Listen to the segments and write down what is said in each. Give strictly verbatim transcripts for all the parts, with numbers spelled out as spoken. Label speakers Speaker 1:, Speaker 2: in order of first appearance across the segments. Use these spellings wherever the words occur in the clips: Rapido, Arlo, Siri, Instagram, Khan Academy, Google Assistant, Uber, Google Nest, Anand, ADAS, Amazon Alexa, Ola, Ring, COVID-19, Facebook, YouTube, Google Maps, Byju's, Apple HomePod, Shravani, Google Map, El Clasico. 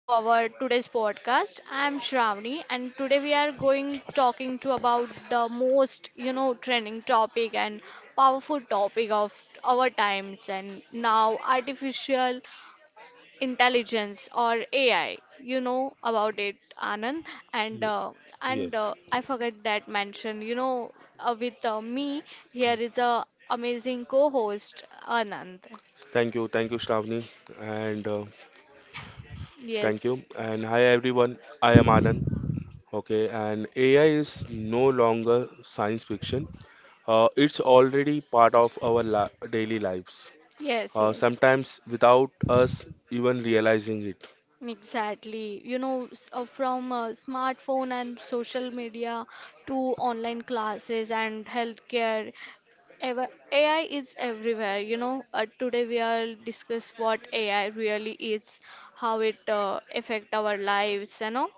Speaker 1: to our today's podcast. I'm Shravani and today we are going talking to about the most, you know, trending topic and powerful topic of our times and now artificial intelligence or A I. You know about it, Anand, and
Speaker 2: Ye-
Speaker 1: uh, and
Speaker 2: Yes.
Speaker 1: uh, I forget that mention. You know, uh, with uh, me here is a amazing co-host Anand.
Speaker 2: Thank you. Thank you, Shravani. And uh, thank
Speaker 1: Yes,
Speaker 2: you. And hi, everyone. I am Anand. Okay. And A I is no longer science fiction. Uh, it's already part of our li daily lives,
Speaker 1: yes,
Speaker 2: uh,
Speaker 1: yes.
Speaker 2: sometimes without us even realizing it.
Speaker 1: Exactly. You know, s- uh, from uh, smartphone and social media to online classes and healthcare, ever A I is everywhere. You know, uh, today we are discuss what A I really is, how it uh, affect our lives, you know,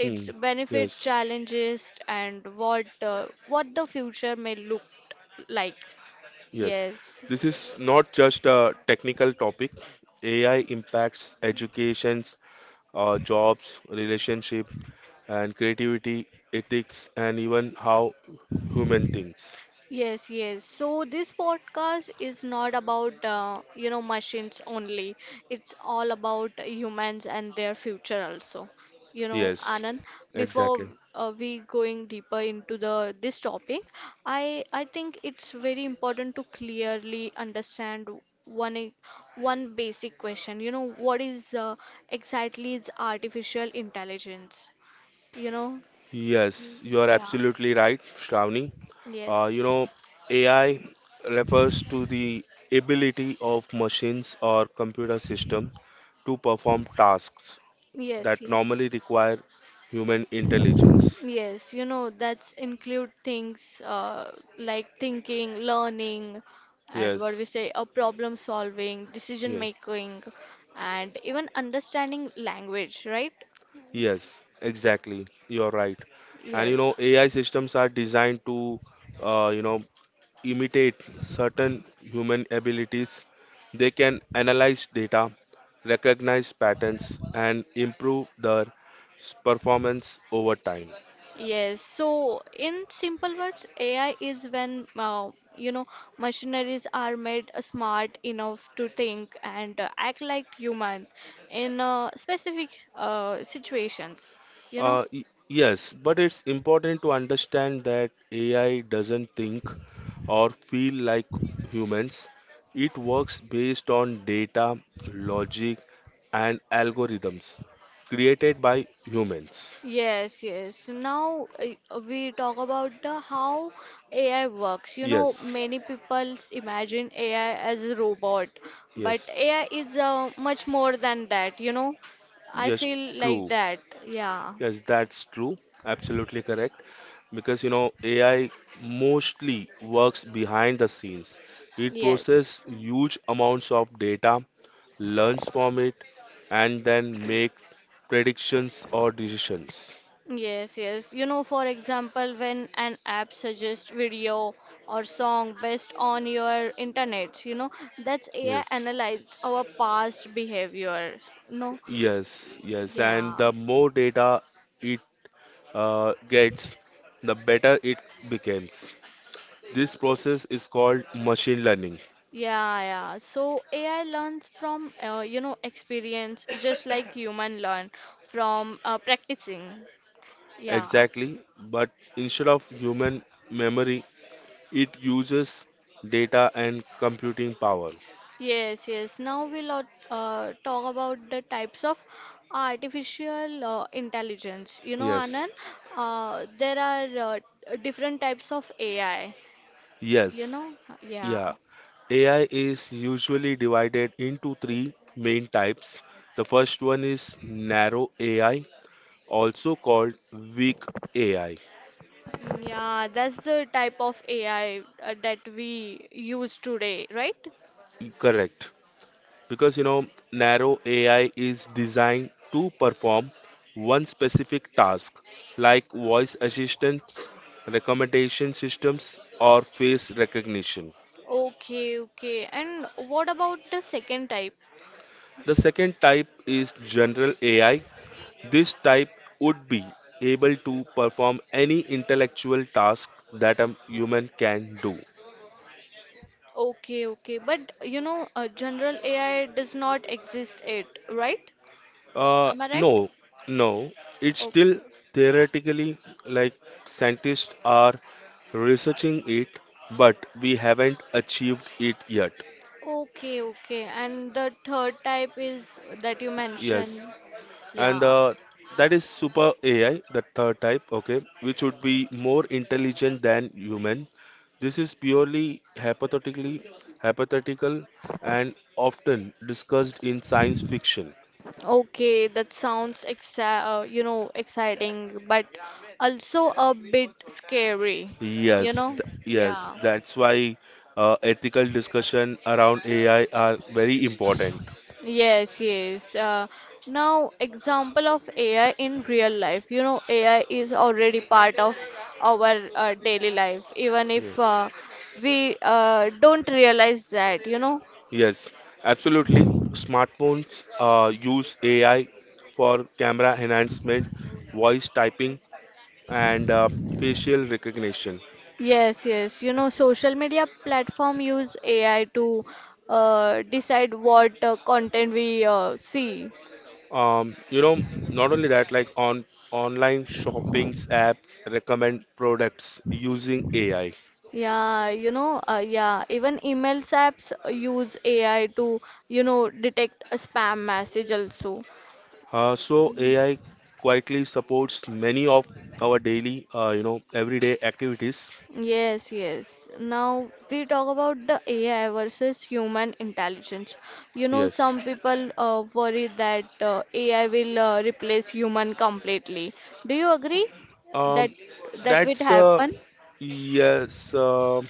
Speaker 1: its
Speaker 2: Hmm.
Speaker 1: benefit,
Speaker 2: Yes.
Speaker 1: challenges, and what uh, what the future may look like.
Speaker 2: Yes.
Speaker 1: Yes.
Speaker 2: This is not just a technical topic. A I impacts educations, uh, jobs, relationship, and creativity, ethics, and even how human thinks.
Speaker 1: Yes, yes. So this podcast is not about uh, you know machines only. It's all about humans and their future also. You know,
Speaker 2: Yes,
Speaker 1: Anand, before
Speaker 2: exactly.
Speaker 1: uh, we going deeper into the this topic, I I think it's very important to clearly understand one e- one basic question. You know, what is uh, exactly is artificial intelligence? You know, Mm,
Speaker 2: Yes, you are
Speaker 1: yeah,
Speaker 2: absolutely right, Shravani. Uh, you
Speaker 1: yes.
Speaker 2: know, A I refers to the ability of machines or computer system to perform tasks
Speaker 1: Yes,
Speaker 2: that
Speaker 1: yes.
Speaker 2: normally require human intelligence.
Speaker 1: Yes, you know, that's include things uh, like thinking, learning, and what we
Speaker 2: Yes,
Speaker 1: say, a problem solving, decision
Speaker 2: yeah,
Speaker 1: making, and even understanding language, right?
Speaker 2: yes, exactly. You're right. And you
Speaker 1: Yes.
Speaker 2: know, A I systems are designed to, uh, you know, imitate certain human abilities. They can analyze data, recognize patterns, and improve their s- performance over time.
Speaker 1: Yes, so in simple words, A I is when uh, you know machineries are made smart enough to think and uh, act like human in uh, specific uh, situations, you know.
Speaker 2: Uh, y- yes, but it's important to understand that A I doesn't think or feel like humans. It works based on data, logic, and algorithms created by humans.
Speaker 1: Yes, yes. Now uh, we talk about the how A I works. You know,
Speaker 2: Yes,
Speaker 1: many people imagine A I as a robot, but
Speaker 2: yes,
Speaker 1: A I is uh, much more than that, you know. I
Speaker 2: yes,
Speaker 1: feel like
Speaker 2: true.
Speaker 1: that. Yeah.
Speaker 2: Yes, that's true. Absolutely correct. Because you know, A I mostly works behind the scenes. It processes
Speaker 1: Yes,
Speaker 2: huge amounts of data, learns from it, and then makes predictions or decisions.
Speaker 1: yes, yes. You know, for example, when an app suggests video or song based on your internet, you know, that's A I
Speaker 2: Yes,
Speaker 1: analyze our past behaviors. No,
Speaker 2: yes, yes. And
Speaker 1: yeah,
Speaker 2: the more data it uh, gets, the better it becomes. This process is called machine learning.
Speaker 1: yeah, yeah. So A I learns from, uh, you know, experience just like human learn from uh, practicing. Yeah.
Speaker 2: Exactly, but instead of human memory, it uses data and computing power.
Speaker 1: Yes, yes. Now we'll uh, uh, talk about the types of artificial uh, intelligence. You know,
Speaker 2: Yes,
Speaker 1: Anand, uh, there are uh, different types of A I. You
Speaker 2: yes,
Speaker 1: know, yeah.
Speaker 2: yeah. A I is usually divided into three main types. The first one is narrow A I, also called weak A I.
Speaker 1: Yeah, that's the type of A I uh, that we use today, right?
Speaker 2: Correct. Because you know, narrow A I is designed to perform one specific task, like voice assistants, recommendation systems, or face recognition.
Speaker 1: Okay, okay. And what about the second type?
Speaker 2: The second type is general A I. This type would be able to perform any intellectual task that a human can do.
Speaker 1: Okay, okay. But you know, uh, general A I does not exist yet, right?
Speaker 2: Uh,
Speaker 1: Am I right?
Speaker 2: no, no, it's
Speaker 1: Okay.
Speaker 2: still theoretically like scientists are researching it, but we haven't achieved it yet.
Speaker 1: Okay, okay. And the third type is that you mentioned.
Speaker 2: Yes. and
Speaker 1: Yeah.
Speaker 2: uh, that is super A I, the third type, okay, which would be more intelligent than human. This is purely hypothetically hypothetical and often discussed in science fiction.
Speaker 1: Okay, that sounds exci- uh, you know, exciting, but also a bit scary, you
Speaker 2: Yes,
Speaker 1: know?
Speaker 2: th- yes,
Speaker 1: Yeah.
Speaker 2: that's why uh, ethical discussion around A I are very important.
Speaker 1: Yes, yes. Uh, now, example of A I in real life. You know, A I is already part of our uh, daily life, even
Speaker 2: Yeah.
Speaker 1: if uh, we uh, don't realize that, you know.
Speaker 2: Yes, absolutely. Smartphones uh, use A I for camera enhancement, voice typing, and uh, facial recognition.
Speaker 1: Yes, yes. You know, social media platform use A I to uh, decide what uh, content we uh, see.
Speaker 2: Um, you know, not only that, like on online shopping apps recommend products using A I.
Speaker 1: Yeah, you know, uh, yeah. Even emails apps use A I to, you know, detect a spam message also.
Speaker 2: Uh, so A I quietly supports many of our daily, uh, you know, everyday activities.
Speaker 1: Yes, yes. Now we talk about the A I versus human intelligence. You know,
Speaker 2: Yes.
Speaker 1: some people uh, worry that uh, A I will uh, replace human completely. Do you agree that
Speaker 2: Um,
Speaker 1: that will
Speaker 2: that's uh,
Speaker 1: happen?
Speaker 2: Yes. Uh,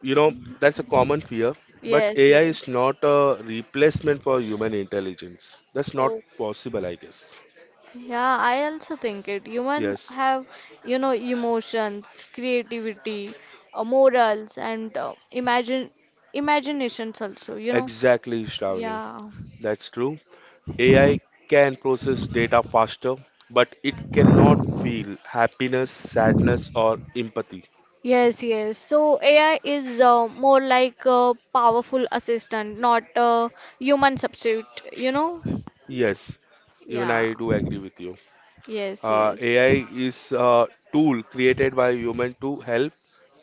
Speaker 2: You know, that's a common fear. But
Speaker 1: Yes,
Speaker 2: A I is
Speaker 1: yes.
Speaker 2: not a replacement for human intelligence. That's not
Speaker 1: Oh,
Speaker 2: possible, I guess.
Speaker 1: yeah, I also think it. Human
Speaker 2: Yes,
Speaker 1: have, you know, emotions, creativity, uh, morals, and uh, imagine imaginations also, you know.
Speaker 2: exactly, Shravani.
Speaker 1: Yeah.
Speaker 2: That's true. A I can process data faster, but it cannot feel happiness, sadness, or empathy.
Speaker 1: Yes, yes. So A I is uh, more like a powerful assistant, not a human substitute, you know?
Speaker 2: Yes, even
Speaker 1: Yeah.
Speaker 2: I do agree with you.
Speaker 1: Yes,
Speaker 2: Uh,
Speaker 1: yes.
Speaker 2: A I is a tool created by human to help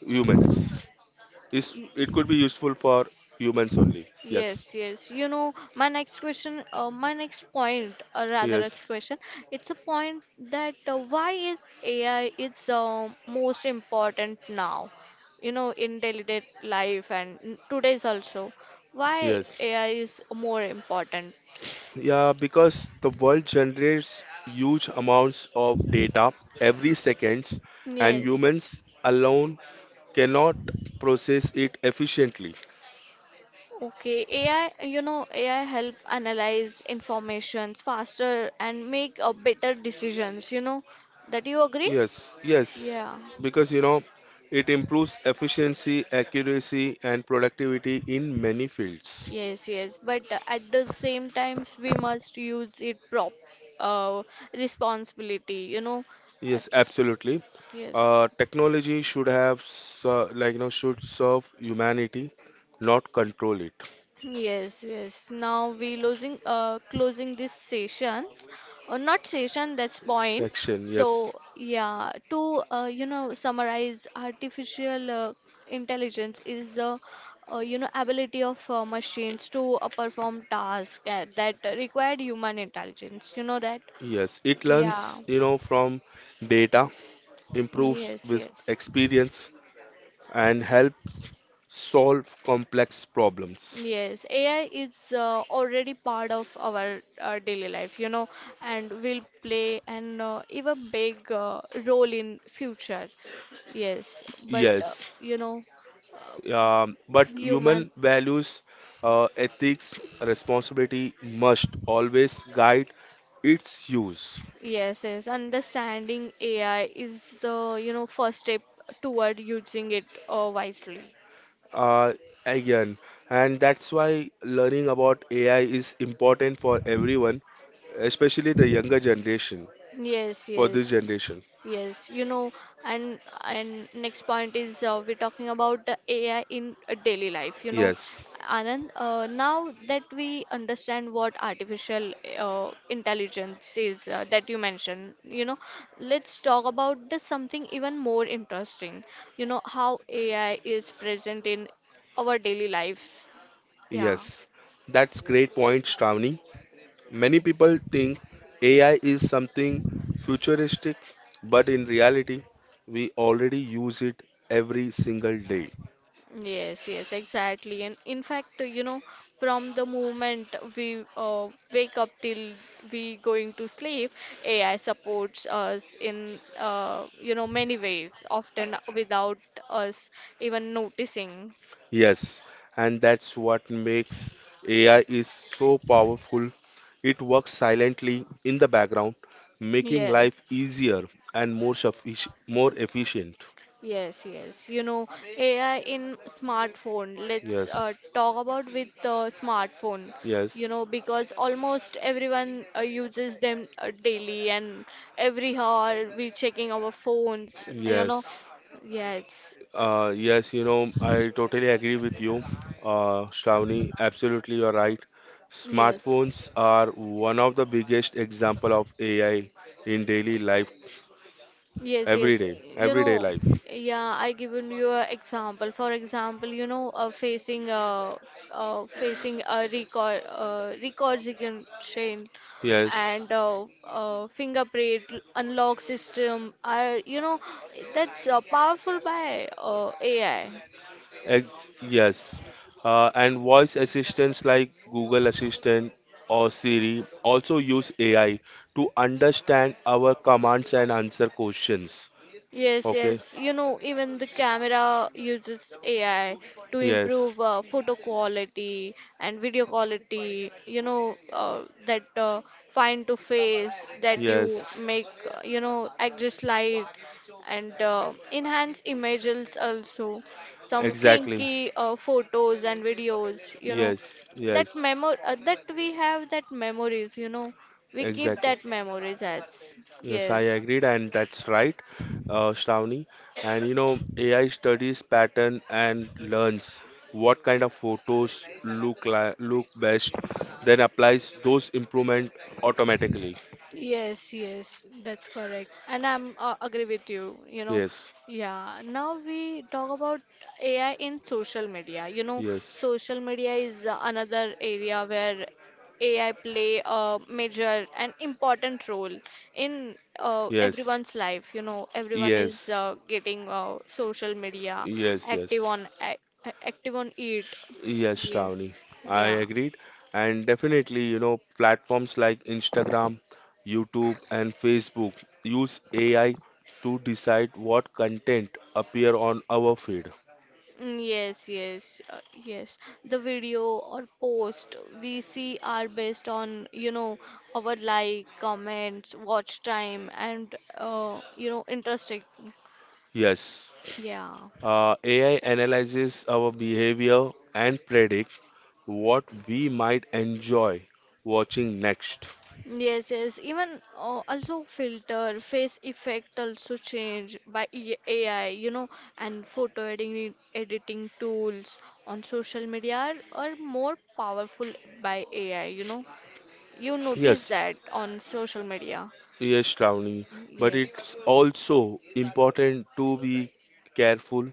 Speaker 2: humans. Is it could be useful for humans only. Yes,
Speaker 1: Yes, yes. You know, my next question, uh, my next point, or rather,
Speaker 2: yes,
Speaker 1: next question, it's a point that uh, why is A I it's uh, most important now, you know, in daily day life and n- today's also. Why
Speaker 2: yes.
Speaker 1: A I is more important?
Speaker 2: Yeah, because the world generates huge amounts of data every second, and
Speaker 1: Yes.
Speaker 2: humans alone cannot process it efficiently.
Speaker 1: Okay, A I, you know, A I help analyze informations faster and make uh, better decisions, you know. That you agree?
Speaker 2: Yes, yes,
Speaker 1: Yeah.
Speaker 2: because you know it improves efficiency, accuracy, and productivity in many fields.
Speaker 1: Yes, yes. But uh, at the same times, we must use it prop uh, responsibility, you know.
Speaker 2: Yes,
Speaker 1: Abs-
Speaker 2: absolutely.
Speaker 1: Yes.
Speaker 2: Uh, technology should have ser- like you know should serve humanity, not control it.
Speaker 1: Yes, yes. Now we losing uh closing this session, or not session, that's point.
Speaker 2: Section,
Speaker 1: So
Speaker 2: yes,
Speaker 1: yeah, to uh, you know summarize, artificial uh, intelligence is the uh, you know ability of uh, machines to uh, perform tasks uh, that required human intelligence. You know that?
Speaker 2: yes. It
Speaker 1: Yeah.
Speaker 2: learns you know from data, improves
Speaker 1: Yes,
Speaker 2: with
Speaker 1: yes.
Speaker 2: experience, and helps solve complex problems.
Speaker 1: Yes, A I is uh, already part of our uh, daily life, you know, and will play an uh, even big uh, role in future. Yes, but uh,
Speaker 2: Yes.
Speaker 1: you know, uh,
Speaker 2: Um, but
Speaker 1: human,
Speaker 2: human values, uh, ethics, responsibility must always guide its use.
Speaker 1: yes, yes, understanding A I is the, you know, first step toward using it uh, wisely.
Speaker 2: Uh, Again, and that's why learning about A I is important for everyone, especially the younger generation,
Speaker 1: Yes,
Speaker 2: for this
Speaker 1: yes,
Speaker 2: generation.
Speaker 1: yes. You know, and and next point is uh, we're talking about the A I in uh, daily life. You know,
Speaker 2: Yes,
Speaker 1: Anand, uh, now that we understand what artificial uh, intelligence is uh, that you mentioned, you know, let's talk about the something even more interesting. You know, how A I is present in our daily lives. Yeah.
Speaker 2: yes, that's great point, Shravani. Many people think A I is something futuristic, but in reality, we already use it every single day.
Speaker 1: Yes, yes, exactly. And in fact, you know, from the moment we uh, wake up till we going to sleep, A I supports us in uh, you know many ways, often without us even noticing.
Speaker 2: Yes, and that's what makes A I is so powerful. It works silently in the background, making life
Speaker 1: Yes.
Speaker 2: easier and more suffic- more efficient.
Speaker 1: Yes, yes. You know, A I in smartphone. Let's
Speaker 2: Yes,
Speaker 1: uh, talk about with uh, smartphone. You
Speaker 2: yes,
Speaker 1: know, because almost everyone uh, uses them uh, daily, and every hour we checking our phones. You know,
Speaker 2: yes.
Speaker 1: yes,
Speaker 2: Uh, yes, you know, I totally agree with you, uh, Shravani. Absolutely, you're right.
Speaker 1: yes.
Speaker 2: Smartphones are one of the biggest example of A I in daily life,
Speaker 1: Yes,
Speaker 2: every
Speaker 1: yes.
Speaker 2: day,
Speaker 1: You
Speaker 2: everyday
Speaker 1: know,
Speaker 2: life.
Speaker 1: yeah, I given you an example. For example, you know, uh, facing uh, uh, facing a record uh, recognition
Speaker 2: Yes,
Speaker 1: and uh, uh, fingerprint unlock system are you know that's uh, powerful by uh, A I.
Speaker 2: Ex- yes. Uh, and voice assistants like Google Assistant or Siri also use A I to understand our commands and answer questions.
Speaker 1: Yes,
Speaker 2: Okay.
Speaker 1: yes. You know, even the camera uses A I to
Speaker 2: Yes.
Speaker 1: improve uh, photo quality and video quality. You know, uh, that uh, fine to face that you
Speaker 2: Yes.
Speaker 1: make, uh, you know, adjust light and uh, enhance images also. Some
Speaker 2: Exactly.
Speaker 1: crinky uh, photos and videos, you know,
Speaker 2: Yes.
Speaker 1: that
Speaker 2: Yes.
Speaker 1: memo uh, that we have that memories, you know, we keep
Speaker 2: Exactly.
Speaker 1: that memories as
Speaker 2: Yes, I
Speaker 1: yes.
Speaker 2: agreed, and that's right, uh, Shravani. And you know, A I studies pattern and learns what kind of photos look like, look best, then applies those improvement automatically.
Speaker 1: Yes, yes, that's correct. And I'm uh, agree with you, you know.
Speaker 2: Yes,
Speaker 1: Yeah, now we talk about A I in social media. You know,
Speaker 2: yes,
Speaker 1: social media is uh, another area where A I play a major and important role in uh,
Speaker 2: yes,
Speaker 1: everyone's life. You know, everyone is
Speaker 2: yes,
Speaker 1: uh, getting uh, social media
Speaker 2: yes,
Speaker 1: active
Speaker 2: yes.
Speaker 1: on ac- active on it.
Speaker 2: Yes,
Speaker 1: Yes.
Speaker 2: Shravani, I
Speaker 1: Yeah.
Speaker 2: agreed. And definitely, you know, platforms like Instagram, YouTube, and Facebook use A I to decide what content appear on our feed.
Speaker 1: Mm. Yes, yes, uh, yes. The video or post we see are based on, you know, our like, comments, watch time, and uh, you know, interesting.
Speaker 2: Yes,
Speaker 1: Yeah.
Speaker 2: uh, A I analyzes our behavior and predict what we might enjoy watching next.
Speaker 1: Yes, yes. Even uh, also filter, face effect also change by E- A I, you know, and photo editing editing tools on social media are, are more powerful by A I, you know. You notice
Speaker 2: Yes,
Speaker 1: that on social media.
Speaker 2: yes, Shravani, but
Speaker 1: Yes.
Speaker 2: it's also important to be careful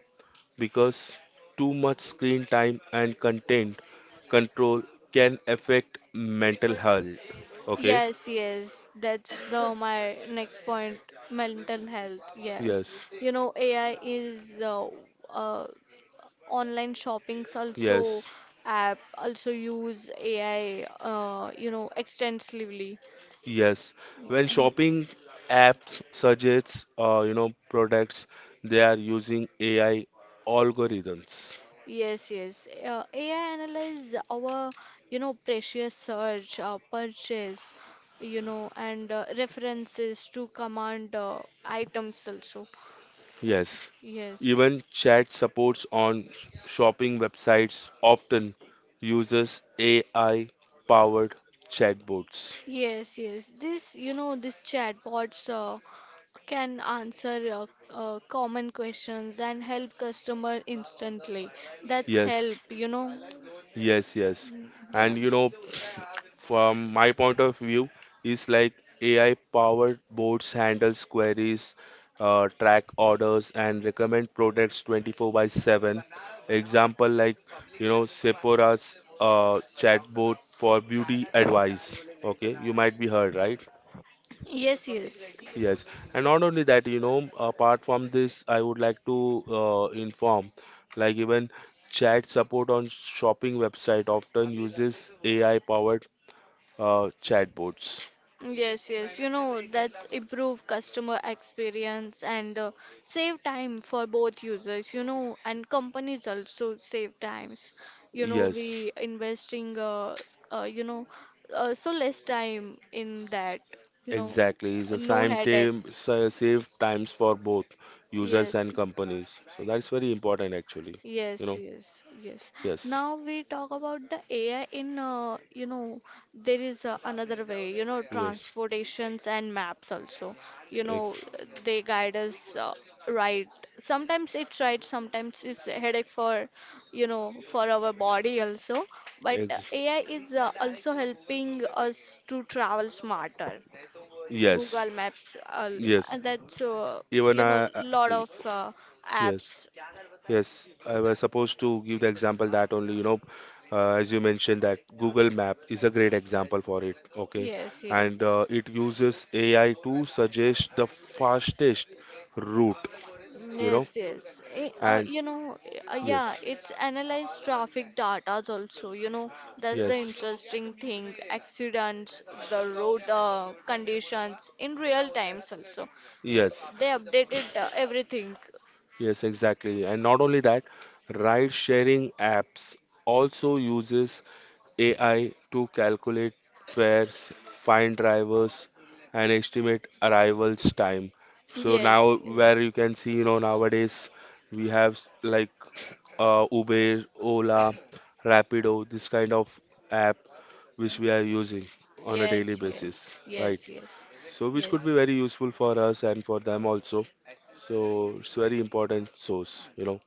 Speaker 2: because too much screen time and content control can affect mental health. Okay?
Speaker 1: Yes, yes. That's the my next point. Mental health. Yes.
Speaker 2: Yes,
Speaker 1: You know, A I is uh, uh, online shoppings also
Speaker 2: yes,
Speaker 1: app also use A I uh, you know extensively.
Speaker 2: yes. When
Speaker 1: Yeah.
Speaker 2: shopping apps suggests uh, you know products, they are using A I algorithms.
Speaker 1: Yes, yes. Uh, A I analyze our, you know, precious search, uh, purchase, you know, and uh, references to command uh, items also.
Speaker 2: Yes. Even chat supports on sh- shopping websites
Speaker 1: Yes.
Speaker 2: often uses A I powered chatbots.
Speaker 1: Yes, yes. This, you know, this chatbots uh, can answer uh, uh, common questions and help customer instantly. That's
Speaker 2: Yes,
Speaker 1: help, you know.
Speaker 2: yes, yes.
Speaker 1: Mm. Yeah.
Speaker 2: And you know, from my point of view is like A I powered bots handles queries, uh, track orders and recommend products twenty-four by seven. Example like you know Sephora's uh, chatbot for beauty advice. Okay, you might be heard, right?
Speaker 1: Yes, yes.
Speaker 2: Yes, and not only that, you know, apart from this, I would like to uh, inform, like even chat support on shopping website often uses A I powered uh, chatbots.
Speaker 1: Yes, yes, you know, that's improve customer experience and uh, save time for both users, you know, and companies also save times. You know,
Speaker 2: Yes,
Speaker 1: we investing, uh, uh, you know, uh, so less time in that, you know,
Speaker 2: exactly. It's a
Speaker 1: no
Speaker 2: same
Speaker 1: headache.
Speaker 2: time, sa- save times for both users
Speaker 1: Yes.
Speaker 2: and companies. So that's very important actually. You
Speaker 1: Yes,
Speaker 2: know,
Speaker 1: yes, yes.
Speaker 2: yes,
Speaker 1: Now we talk about the A I in, uh, you know, there is uh, another way, you know,
Speaker 2: yes,
Speaker 1: transportations and maps also. You know,
Speaker 2: ex,
Speaker 1: they guide us uh, right. Sometimes it's right, sometimes it's a headache for, you know, for our body also. But uh,
Speaker 2: ex,
Speaker 1: A I is uh, also helping us to travel smarter.
Speaker 2: yes,
Speaker 1: Google Maps, uh,
Speaker 2: yes.
Speaker 1: and that's uh,
Speaker 2: Even
Speaker 1: you
Speaker 2: I,
Speaker 1: know,
Speaker 2: I-
Speaker 1: lot
Speaker 2: I-
Speaker 1: of uh,
Speaker 2: Yes,
Speaker 1: apps.
Speaker 2: yes. I was supposed to give the example that only, you know, uh, as you mentioned that Google Map is a great example for it. Okay,
Speaker 1: Yes, yes.
Speaker 2: and uh, it uses A I to suggest the fastest route. You know,
Speaker 1: Yes, yes. Eh, Uh,
Speaker 2: and
Speaker 1: you know, uh, yeah,
Speaker 2: yes.
Speaker 1: it's analyzed traffic data also, you know, that's the
Speaker 2: Yes,
Speaker 1: interesting thing. Accidents, the road uh, conditions in real times also.
Speaker 2: yes,
Speaker 1: They updated uh, everything.
Speaker 2: yes, exactly. And not only that, ride-sharing apps also uses A I to calculate fares, find drivers, and estimate arrivals time. So
Speaker 1: Yes,
Speaker 2: now,
Speaker 1: yes.
Speaker 2: where you can see, you know, nowadays we have s- like uh, Uber, Ola, Rapido, this kind of app which we are using on a daily
Speaker 1: Yes, yes,
Speaker 2: basis, right?
Speaker 1: yes, yes,
Speaker 2: So which could be
Speaker 1: yes.
Speaker 2: very useful for us and for them also. So it's very important source, you know.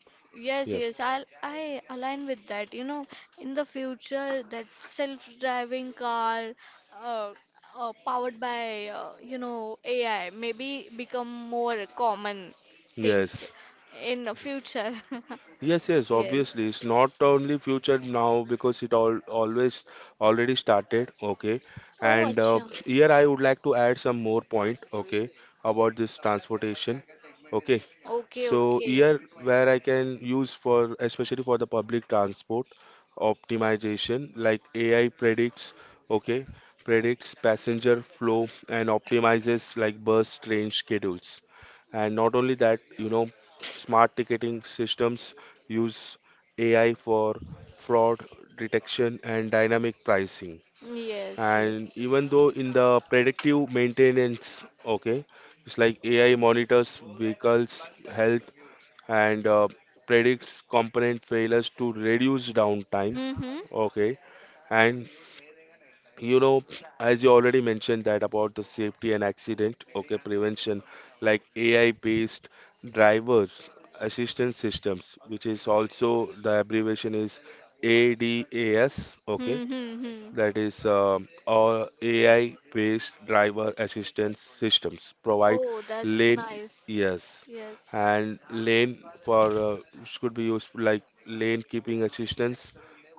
Speaker 1: Yes,
Speaker 2: Yeah.
Speaker 1: yes, I'll, I align with that. You know, in the future, that self-driving car, uh, uh, powered by, uh, you know, A I, maybe become more common thing
Speaker 2: Yes.
Speaker 1: in the future.
Speaker 2: Yes, yes, obviously.
Speaker 1: Yes.
Speaker 2: It's not only future now because it all always already started. Okay.
Speaker 1: Oh,
Speaker 2: And uh,
Speaker 1: acha.
Speaker 2: Here I would like to add some more point, okay, about this transportation. Okay.
Speaker 1: Okay,
Speaker 2: So
Speaker 1: okay.
Speaker 2: here where I can use for especially for the public transport optimization, like A I predicts, okay, predicts passenger flow and optimizes like bus train schedules. And not only that, you know, smart ticketing systems use A I for fraud detection and dynamic pricing.
Speaker 1: Yes,
Speaker 2: And
Speaker 1: yes.
Speaker 2: even though in the predictive maintenance, okay, it's like A I monitors vehicles' health and uh, predicts component failures to reduce downtime,
Speaker 1: Mm-hmm.
Speaker 2: okay, and you know as you already mentioned that about the safety and accident okay prevention like AI based drivers assistance systems which is also the abbreviation is A D A S, okay,
Speaker 1: Mm-hmm.
Speaker 2: that is um, all AI based driver assistance systems provide
Speaker 1: Oh, that's
Speaker 2: lane
Speaker 1: nice.
Speaker 2: yes
Speaker 1: Yes.
Speaker 2: and lane for uh, which could be used like lane keeping assistance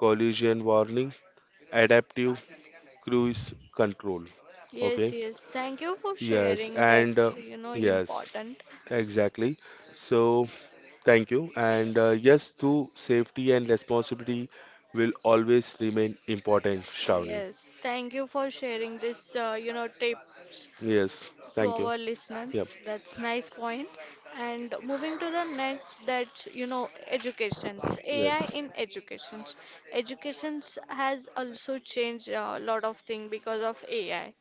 Speaker 2: collision warning adaptive cruise control.
Speaker 1: Yes,
Speaker 2: Okay.
Speaker 1: yes. Thank you for
Speaker 2: Yes.
Speaker 1: sharing.
Speaker 2: And uh,
Speaker 1: That's, you know,
Speaker 2: Yes,
Speaker 1: important.
Speaker 2: exactly. So thank you. And uh, Yes, to safety and responsibility will always remain important, Shravani.
Speaker 1: Yes. Thank you for sharing this, uh, you know, tips
Speaker 2: Yes.
Speaker 1: to
Speaker 2: Thank you.
Speaker 1: our
Speaker 2: Yep.
Speaker 1: listeners. That's nice point. And moving to the next, that's, you know, educations.
Speaker 2: Yes.
Speaker 1: A I in educations. Educations has also changed a lot of things because of A I.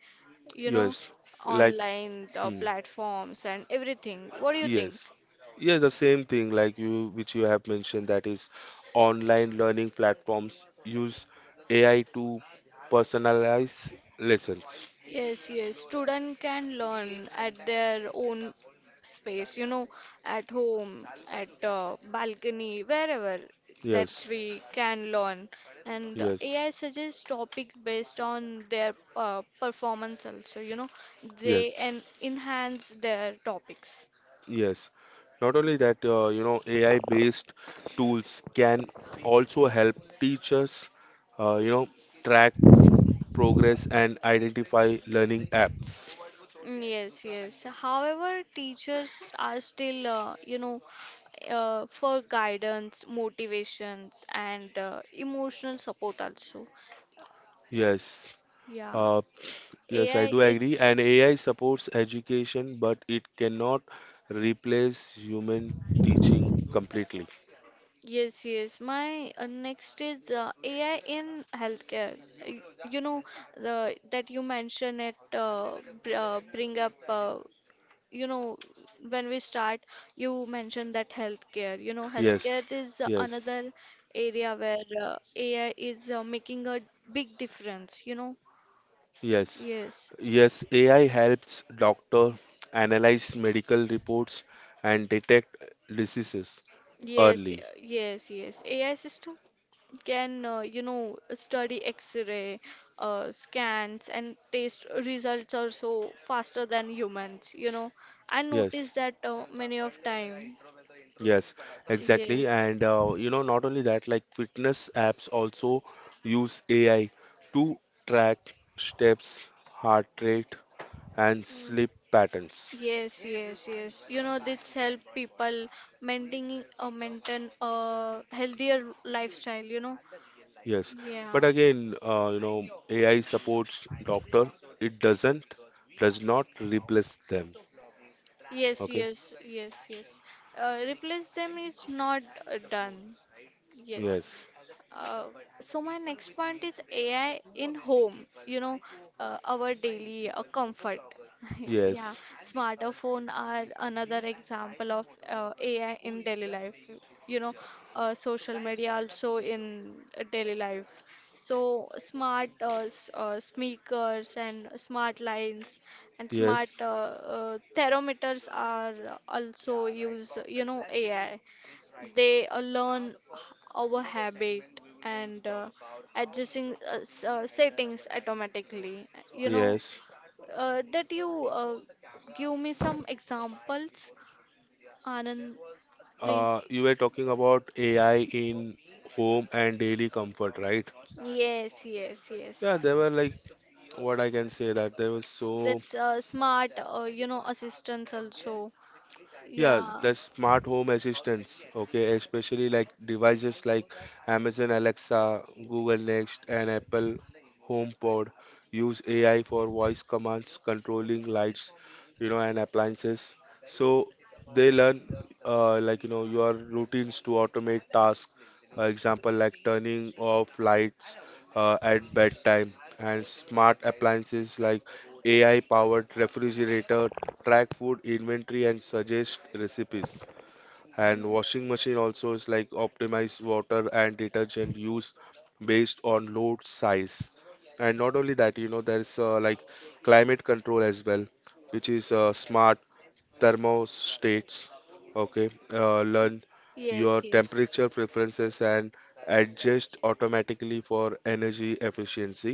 Speaker 1: You know,
Speaker 2: Yes. Like,
Speaker 1: online, the
Speaker 2: hmm.
Speaker 1: platforms and everything. What do you think?
Speaker 2: Yes. Yeah, the same thing like you which you have mentioned that is online learning platforms use A I to personalize lessons.
Speaker 1: Yes, yes. Student can learn at their own space, you know, at home, at uh, balcony, wherever that
Speaker 2: Yes.
Speaker 1: we can learn. And
Speaker 2: Yes,
Speaker 1: A I suggests topics based on their uh, performance also, you know, they
Speaker 2: yes,
Speaker 1: en enhance their topics.
Speaker 2: yes. Not only that, uh, you know, A I-based tools can also help teachers, uh, you know, track progress and identify learning apps.
Speaker 1: Mm. Yes, yes. However, teachers are still, uh, you know, uh, for guidance, motivations, and uh, emotional support also.
Speaker 2: Yes,
Speaker 1: Yeah,
Speaker 2: uh, yes, I
Speaker 1: A I
Speaker 2: do agree.
Speaker 1: is
Speaker 2: And A I supports education, but it cannot replace human teaching completely.
Speaker 1: yes, yes. My uh, next is uh, A I in healthcare. Y- You know the that you mention it uh, br uh, bring up. Uh, you know when we start, you mentioned that healthcare. You know
Speaker 2: Yes,
Speaker 1: healthcare is uh,
Speaker 2: yes,
Speaker 1: another area where uh, A I is uh, making a big difference. You know
Speaker 2: yes,
Speaker 1: yes.
Speaker 2: yes, A I helps doctor analyze medical reports and detect diseases
Speaker 1: Yes, y-
Speaker 2: early.
Speaker 1: yes, yes. A I system can uh, you know study x-ray uh, scans and test results are so faster than humans, you know. I
Speaker 2: Yes,
Speaker 1: noticed that uh, many of time,
Speaker 2: yes, exactly.
Speaker 1: yes.
Speaker 2: And uh, You know, not only that, like fitness apps also use A I to track steps, heart rate, and
Speaker 1: mm,
Speaker 2: sleep patterns.
Speaker 1: yes, yes, yes, you know, this help people maintaining a maintain a healthier lifestyle, you know.
Speaker 2: Yes,
Speaker 1: Yeah,
Speaker 2: but again, uh, you know, A I supports doctor. It doesn't, does not replace them.
Speaker 1: yes,
Speaker 2: Okay.
Speaker 1: yes, yes, yes, uh, replace them is not uh, done, yes.
Speaker 2: Yes.
Speaker 1: Uh, so my next point is A I in home, you know, uh, our daily uh, comfort. Yeah,
Speaker 2: Yes.
Speaker 1: smartphone are another example of uh, A I in daily life. You know, uh, social media also in uh, daily life. So smart uh, s- uh, speakers and smart lines and
Speaker 2: Yes,
Speaker 1: smart uh, uh, thermometers are also use, you know, A I. They uh, learn h- our habit and uh, adjusting uh, s- uh, settings automatically. You know,
Speaker 2: yes.
Speaker 1: uh, that you uh, give me some examples, Anand,
Speaker 2: Uh,
Speaker 1: please.
Speaker 2: you were talking about A I in home and daily comfort, right?
Speaker 1: Yes, yes, yes.
Speaker 2: Yeah, there were like what I can say that there was so
Speaker 1: That's uh, smart, uh, you know, assistance also.
Speaker 2: yeah,
Speaker 1: Yeah.
Speaker 2: the smart home assistants, okay, especially like devices like Amazon Alexa, Google Nest, and Apple HomePod use A I for voice commands, controlling lights, you know, and appliances. So they learn, uh, like, you know, your routines to automate tasks, uh, example like turning off lights uh, at bedtime, and smart appliances like A I-powered refrigerator track food inventory and suggest recipes. And
Speaker 1: Mm.
Speaker 2: washing machine also is like optimize water and detergent use based on load size. And not only that, you know, there's uh, like climate control as well, which is uh, smart thermostats okay uh, learn
Speaker 1: Yes,
Speaker 2: your
Speaker 1: yes.
Speaker 2: temperature preferences and adjust automatically for energy efficiency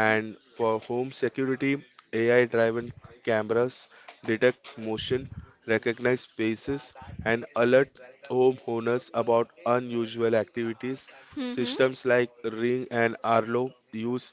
Speaker 2: and for home security AI driven cameras detect motion, recognize faces, and alert homeowners about unusual activities.
Speaker 1: Mm-hmm.
Speaker 2: Systems like Ring and Arlo use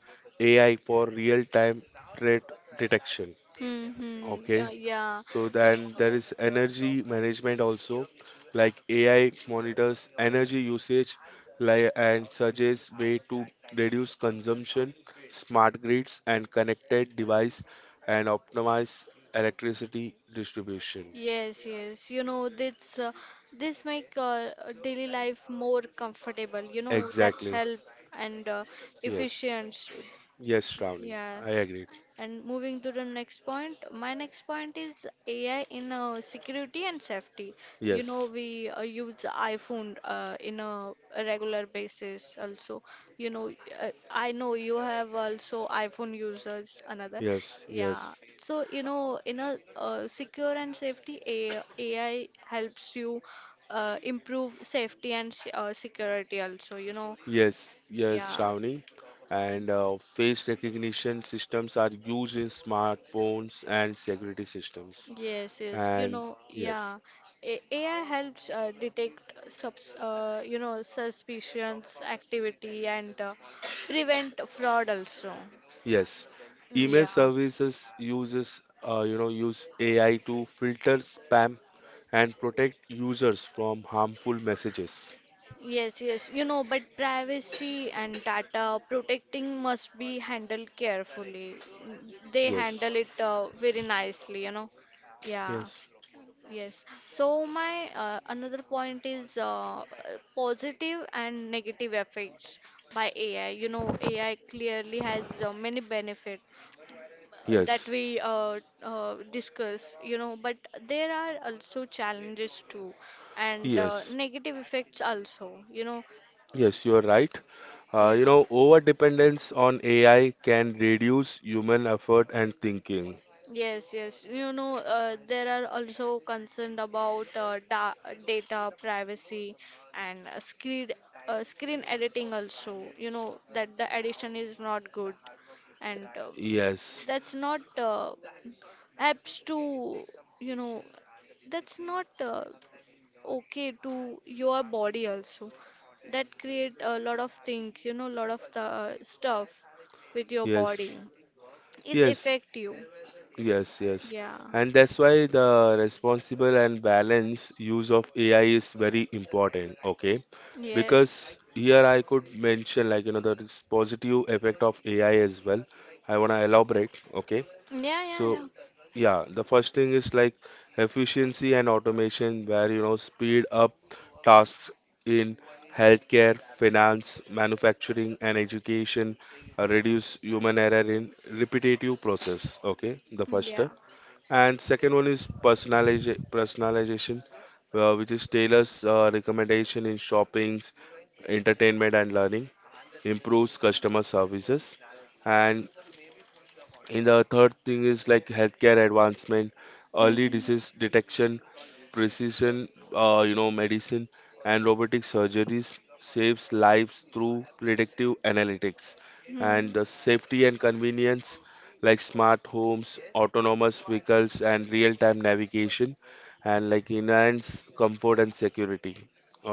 Speaker 2: AI for real time threat detection.
Speaker 1: Mm-hmm. Yeah,
Speaker 2: Okay.
Speaker 1: yeah.
Speaker 2: So then there is energy management also, like A I monitors energy usage like and suggests way to reduce consumption, smart grids and connected device and optimize electricity distribution.
Speaker 1: Yes, yes. You know, this uh, this make uh, uh, daily life more comfortable. You know, that
Speaker 2: Exactly.
Speaker 1: help and uh,
Speaker 2: Yes.
Speaker 1: efficient.
Speaker 2: Yes, Shravani.
Speaker 1: Yeah.
Speaker 2: I agree.
Speaker 1: And moving to the next point, my next point is A I in uh, security and safety. You know,
Speaker 2: Yes.
Speaker 1: we uh, use iPhone uh, in a regular basis also. You know, uh, I know you have also iPhone users, another.
Speaker 2: Yes.
Speaker 1: Yeah.
Speaker 2: Yes.
Speaker 1: So, you know, in a uh, secure and safety, A I, A I helps you uh, improve safety and s- uh, security also, you know.
Speaker 2: Yes, yes,
Speaker 1: Yeah.
Speaker 2: Shravani. And uh, face recognition systems are used in smartphones and security systems.
Speaker 1: Yes, yes. You
Speaker 2: And
Speaker 1: know,
Speaker 2: yes,
Speaker 1: yeah. A AI helps uh, detect subs, uh, you know, suspicious activity and uh, prevent fraud also.
Speaker 2: yes,
Speaker 1: Mm, Yeah.
Speaker 2: email services uses uh, you know use A I to filter spam and protect users from harmful messages.
Speaker 1: Yes, yes. You know, but privacy and data protecting must be handled carefully. Mm. They
Speaker 2: Yes,
Speaker 1: handle it uh, very nicely, you know. Yeah.
Speaker 2: yes,
Speaker 1: Yes. So my uh, another point is uh, uh, positive and negative effects by A I. You know, A I clearly has uh, many benefit uh, that
Speaker 2: yes,
Speaker 1: we uh, uh, discuss. You know, but there are also challenges too, and uh,
Speaker 2: yes,
Speaker 1: negative effects also. You know,
Speaker 2: yes. You are right.
Speaker 1: yeah.
Speaker 2: Uh, you know, over dependence on A I can reduce human effort and thinking.
Speaker 1: Yes, yes. You know, uh, there are also concerned about uh, da data privacy and uh, screen uh, screen editing also. You know that the addition is not good, and um,
Speaker 2: Yes,
Speaker 1: that's not uh, apps to you know that's not uh, okay to your body also. That create a lot of thing, you know, lot of the stuff with your
Speaker 2: yes,
Speaker 1: body. It's
Speaker 2: yes,
Speaker 1: affect you.
Speaker 2: yes, yes.
Speaker 1: Yeah.
Speaker 2: And that's why the responsible and balanced use of A I is very important, okay? Because
Speaker 1: Yes.
Speaker 2: here I could mention, like, you know, there is positive effect of A I as well. I want to elaborate, okay?
Speaker 1: Yeah, yeah,
Speaker 2: So,
Speaker 1: yeah.
Speaker 2: yeah, the first thing is like efficiency and automation, where you know speed up tasks in healthcare, finance, manufacturing, and education, uh, reduce human error in repetitive process. Okay, the first
Speaker 1: Yeah.
Speaker 2: step. And second one is personaliza- personalization, uh, which is tailors uh, recommendation in shoppings, entertainment and learning, improves customer services, and and the third thing is like healthcare advancement, early
Speaker 1: Mhm.
Speaker 2: disease detection, precision, uh, you know, medicine, and robotic surgeries saves lives through predictive analytics. And
Speaker 1: Mhm.
Speaker 2: the safety and convenience, like smart homes, autonomous vehicles, and real-time navigation, and like enhance comfort and security.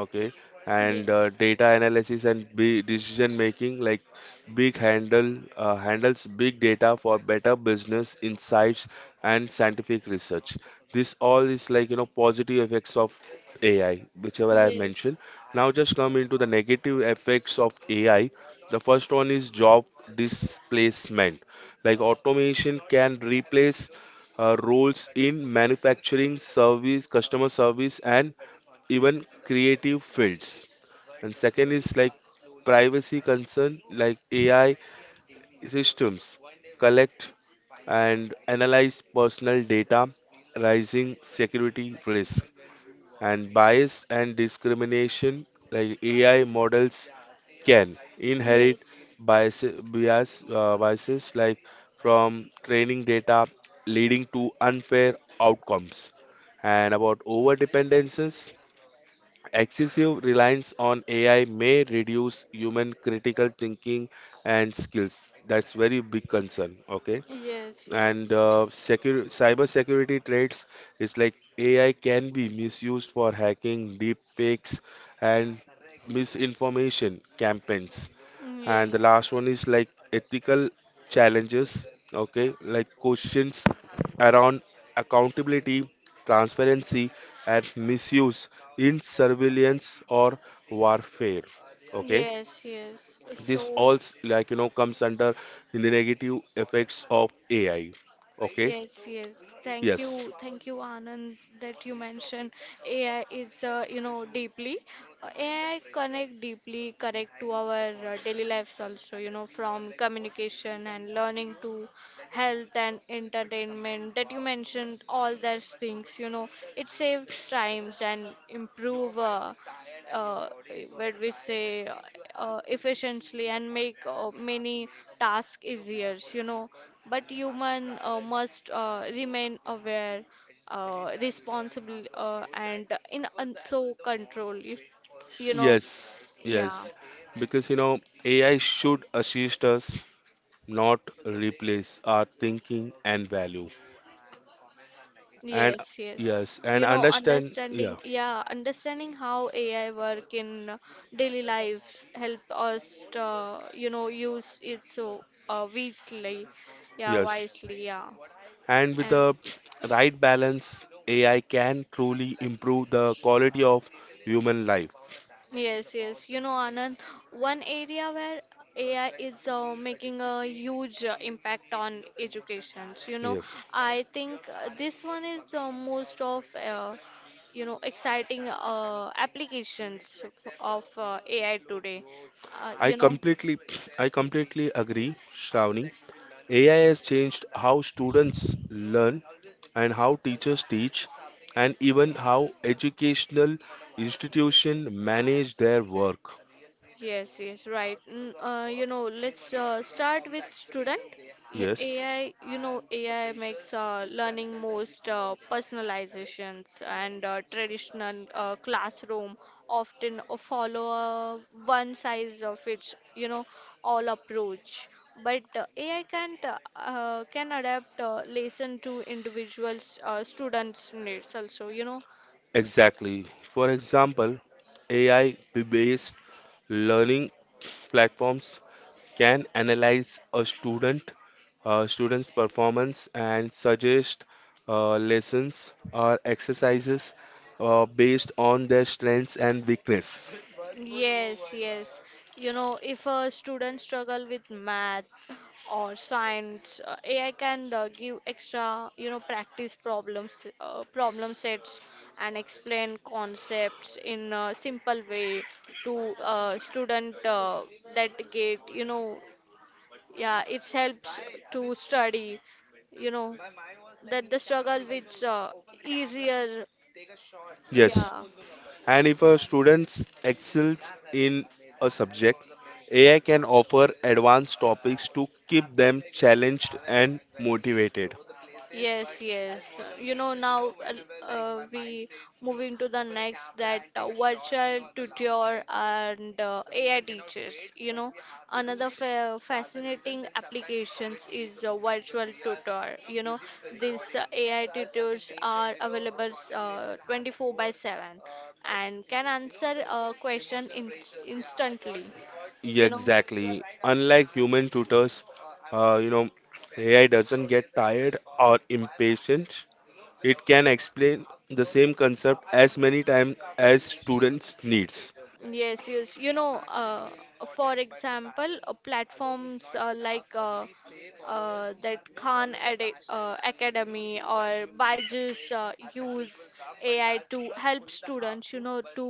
Speaker 2: Okay, and uh,
Speaker 1: Yes.
Speaker 2: data analysis and be decision making, like Big Handle uh, handles big data for better business insights and scientific research. This all is, like, you know, positive effects of A I, whichever I have mentioned.
Speaker 1: Yes.
Speaker 2: Now just come into the negative effects of A I. The first one is job displacement. Like automation can replace uh, roles in manufacturing, service, customer service, and even creative fields. And second is like privacy concern, like AI systems collect and analyze personal data, rising security risk, and bias and discrimination, like A I models can inherit
Speaker 1: Yes.
Speaker 2: bias, bias, uh, biases like from training data leading to unfair outcomes and about over. Excessive reliance on A I may reduce human critical thinking and skills. That's very big concern. Okay,
Speaker 1: Yes,
Speaker 2: and
Speaker 1: yes.
Speaker 2: uh, secure cyber security threats is like A I can be misused for hacking, deep fakes, and misinformation campaigns.
Speaker 1: Mm.
Speaker 2: And the last
Speaker 1: Yes.
Speaker 2: one is like ethical challenges, okay, like questions around accountability, transparency, and misuse in surveillance or warfare, okay.
Speaker 1: Yes, yes.
Speaker 2: this
Speaker 1: So,
Speaker 2: all s- like you know comes under the negative effects of AI, okay.
Speaker 1: yes, yes. Thank
Speaker 2: Yes,
Speaker 1: you. Thank you, Anand, that you mentioned A I is, uh, you know, deeply. uh, A I connect deeply, correct to our uh, daily lives also, you know, from communication and learning to health and entertainment that you mentioned, all those things, you know, it saves times and improve uh, uh, what we say uh, efficiently and make uh, many tasks easier, you know, but human uh, must uh, remain aware, uh, responsible, uh, and in un- so control. You, you know,
Speaker 2: yes, yes,
Speaker 1: yeah,
Speaker 2: because you know AI should assist us, not replace our thinking and value. And
Speaker 1: yes, yes.
Speaker 2: yes, and
Speaker 1: You know,
Speaker 2: understand, yeah.
Speaker 1: understanding, yeah, understanding how A I work in daily lives help us, uh, you know, use it so uh, wisely, yeah,
Speaker 2: Yes,
Speaker 1: wisely, yeah,
Speaker 2: and with
Speaker 1: and
Speaker 2: the right balance AI can truly improve the quality of human life.
Speaker 1: yes, yes. You know, Anand, one area where A I is uh, making a huge uh, impact on education. So, you know,
Speaker 2: Yes,
Speaker 1: I think uh, this one is uh, most of uh, you know exciting uh, applications f- of uh, A I today. Uh,
Speaker 2: i
Speaker 1: you
Speaker 2: completely I completely agree, Shravani. AI has changed how students learn and how teachers teach and even how educational
Speaker 1: know,
Speaker 2: institutions manage their work.
Speaker 1: Yes, yes, right. Mm, uh, you know, let's uh, start with student. Yeah,
Speaker 2: Yes.
Speaker 1: AI, you know, A I makes uh, learning most uh, personalizations and uh, traditional uh, classroom often uh, follow a one size of its, you know, all approach. But uh, A I can uh, uh, can adapt uh, lesson to individuals uh, students' needs also, you know.
Speaker 2: Exactly. For example, A I-based learning platforms can analyze a student uh, student's performance and suggest uh, lessons or exercises uh, based on their strengths and weakness.
Speaker 1: Yes, yes. You know, if a student struggle with math or science, uh, A I can uh, give extra, you know, practice problems, uh, problem sets, and explain concepts in a simple way to a student uh, that get, you know, yeah, it helps to study, you know, that the struggle with uh, easier,
Speaker 2: Yes,
Speaker 1: yeah.
Speaker 2: and if a student excels in a subject, AI can offer advanced topics to keep them challenged and motivated.
Speaker 1: Yes, yes. You know, now uh, uh, we moving to the next that uh, virtual tutor and uh, A I teachers. You know, another fa fascinating applications is uh, virtual tutor. You know, these uh, A I tutors are available uh, twenty-four by seven and can answer a question in instantly.
Speaker 2: Yeah,
Speaker 1: You know.
Speaker 2: exactly. Unlike human tutors, uh, you know, A I doesn't get tired or impatient. It can explain the same concept as many times as students needs.
Speaker 1: Yes, yes. You know, uh, for example, uh, platforms uh, like uh, uh, that Khan Ad uh, Academy or Byju's uh, use A I to help students, you know, to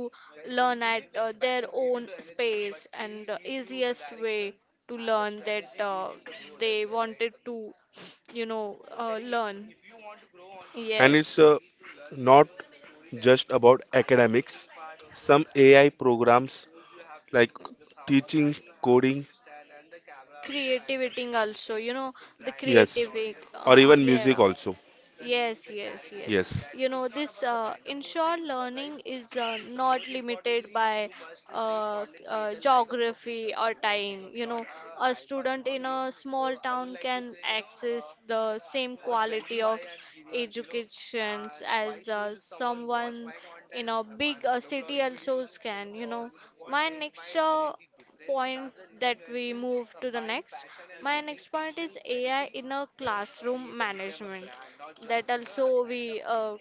Speaker 1: learn at uh, their own space and the easiest way to learn that uh, they wanted to. You know, uh, learn.
Speaker 2: And
Speaker 1: Yes.
Speaker 2: it's uh, not just about academics. Some A I programs like teaching, coding,
Speaker 1: Creativity also, you know, the
Speaker 2: yes,
Speaker 1: creative, way, uh,
Speaker 2: or
Speaker 1: uh,
Speaker 2: even music
Speaker 1: yeah.
Speaker 2: also.
Speaker 1: Yes, yes, yes.
Speaker 2: Yes,
Speaker 1: You know, this uh, inshore learning is uh, not limited by uh, uh, geography or time. You know, a student in a small town can access the same quality of educations as uh, someone in a big uh, city also can. You know, my next uh, point that we move to the next. My next point is A I in a classroom management. That also we uh,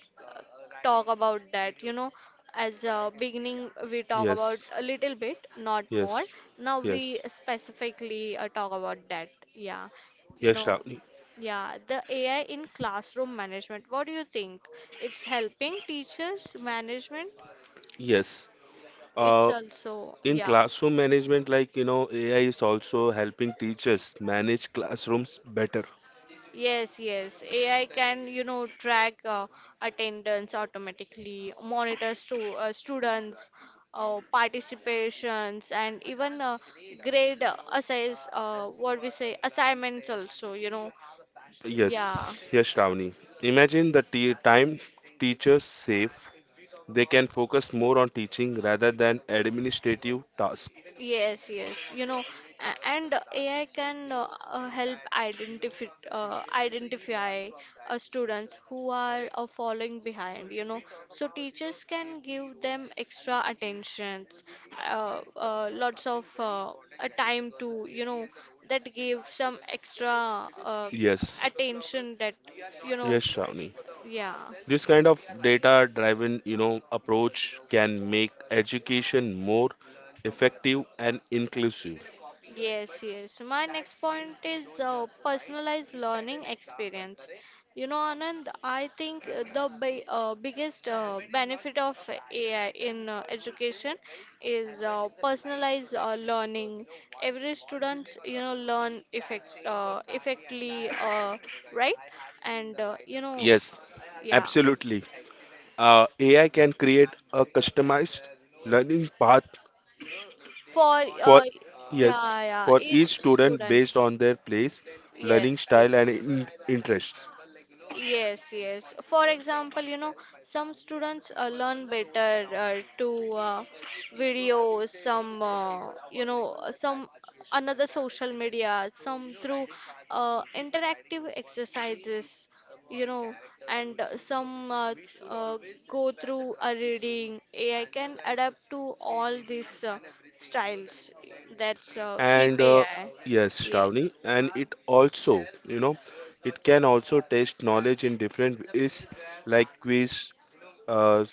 Speaker 1: talk about that, you know. As a beginning, we talk about
Speaker 2: yes,
Speaker 1: a little bit, not more.
Speaker 2: yes,
Speaker 1: Now we
Speaker 2: yes,
Speaker 1: specifically uh, talk about that. Yeah, you
Speaker 2: yes,
Speaker 1: know,
Speaker 2: Shravani.
Speaker 1: yeah, the A I in classroom management. What do you think? It's helping teachers management.
Speaker 2: Yes.
Speaker 1: It's
Speaker 2: Uh,
Speaker 1: also,
Speaker 2: in
Speaker 1: yeah.
Speaker 2: classroom management, like, you know, A I is also helping teachers manage classrooms better.
Speaker 1: Yes, yes. A I can, you know, track uh, attendance automatically, monitor stu uh, students' uh, participations, and even uh, grade uh, assigns, uh, what we say, assignments also, you know.
Speaker 2: Yes,
Speaker 1: Yeah.
Speaker 2: yes, Shravani. Imagine the t time teachers save. They can focus more on teaching rather than administrative tasks.
Speaker 1: Yes, yes. You know, a- and A I can uh, uh, help identify uh, identify uh, students who are uh, falling behind. You know, so teachers can give them extra attentions, uh, uh, lots of uh, uh, time to you know, that give some extra uh,
Speaker 2: Yes,
Speaker 1: attention that you know,
Speaker 2: yes, Shravani.
Speaker 1: yeah.
Speaker 2: This kind of data-driven, you know, approach can make education more effective and inclusive.
Speaker 1: Yes, yes. My next point is uh, personalized learning experience. You know, Anand, I think uh, the bi uh, biggest uh, benefit of A I in uh, education is uh, personalized uh, learning. Every student, you know, learn effect uh, effectively, uh, right? And uh, you know,
Speaker 2: Yes,
Speaker 1: yeah,
Speaker 2: absolutely. Uh, A I can create a customized learning path
Speaker 1: for
Speaker 2: for
Speaker 1: uh, yeah,
Speaker 2: yes
Speaker 1: yeah,
Speaker 2: for
Speaker 1: each
Speaker 2: each student
Speaker 1: student.
Speaker 2: based on their place, learning
Speaker 1: Yes,
Speaker 2: style and
Speaker 1: yes.
Speaker 2: in- interests.
Speaker 1: Yes, yes. For example, you know, some students uh, learn better uh, to uh, videos, some, uh, you know, uh, some another social media, some through uh, interactive exercises, you know, and uh, some uh, uh, go through a reading. A I can adapt to all these uh, styles that's uh, keep
Speaker 2: And uh,
Speaker 1: A I.
Speaker 2: yes, Shravani,
Speaker 1: Yes.
Speaker 2: and it also you know it can also test knowledge in different ways like quiz, uh,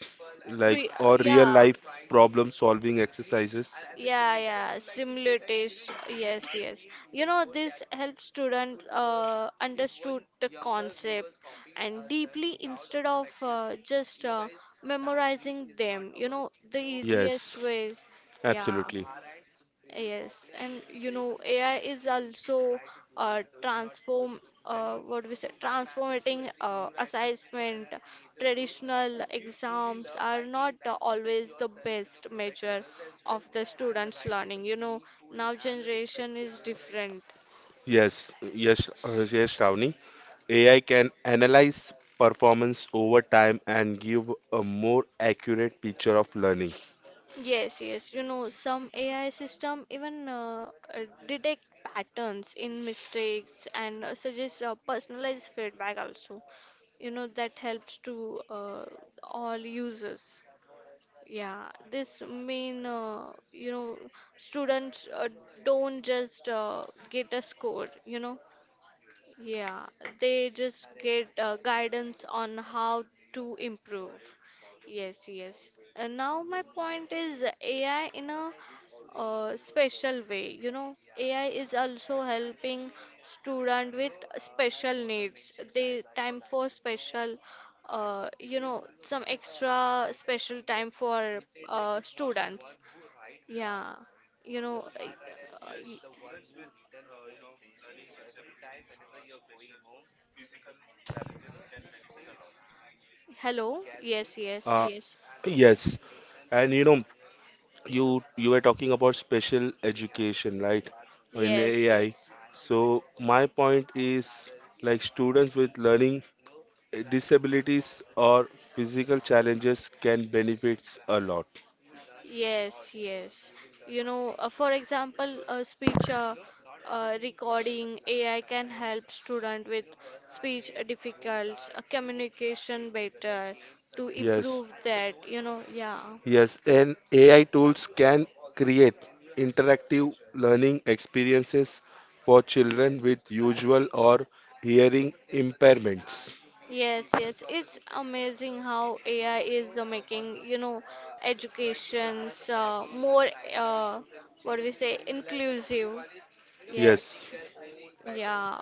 Speaker 2: like
Speaker 1: We,
Speaker 2: or real
Speaker 1: yeah.
Speaker 2: life problem solving exercises.
Speaker 1: Yeah, yeah, similar taste. Yes, yes. You know, this helps student uh, understood the concept and deeply instead of uh, just uh, memorizing them. You know, the easiest
Speaker 2: Yes,
Speaker 1: ways. Yeah,
Speaker 2: absolutely.
Speaker 1: yes, and you know A I is also uh, transform uh, what we say transforming uh, assessment. Traditional exams are not uh, always the best measure of the students' learning. You know now generation is different.
Speaker 2: Yes, yes, uh, yes, Shravani. A I can analyze performance over time and give a more accurate picture of learning.
Speaker 1: Yes, yes. You know, some A I system even uh, uh, detect patterns in mistakes and uh, suggest uh, personalized feedback also. You know, that helps to uh, all users. Yeah, this mean uh, you know students uh, don't just uh, get a score. You know, yeah, they just get uh, guidance on how to improve. Yes, yes. And now my point is A I in a uh, special way. You know, A I is also helping student with special needs. They time for special, uh, you know, some extra special time for uh, students. Yeah, you know. Uh, uh, y- hello. Yes, yes,
Speaker 2: Uh,
Speaker 1: yes.
Speaker 2: yes, and you know, you you were talking about special education, right? In
Speaker 1: Yes,
Speaker 2: A I.
Speaker 1: yes.
Speaker 2: So my point is like students with learning disabilities or physical challenges can benefits a lot.
Speaker 1: Yes, yes. You know, uh, for example, uh, speech uh, uh, recording A I can help student with speech difficulties, uh, communication better to
Speaker 2: Yes.
Speaker 1: improve that, you know, yeah.
Speaker 2: Yes, and A I tools can create interactive learning experiences for children with usual or hearing impairments.
Speaker 1: Yes, yes, it's amazing how A I is uh, making, you know, educations uh, more, uh, what do we say, inclusive.
Speaker 2: Yes,
Speaker 1: Yes, yeah.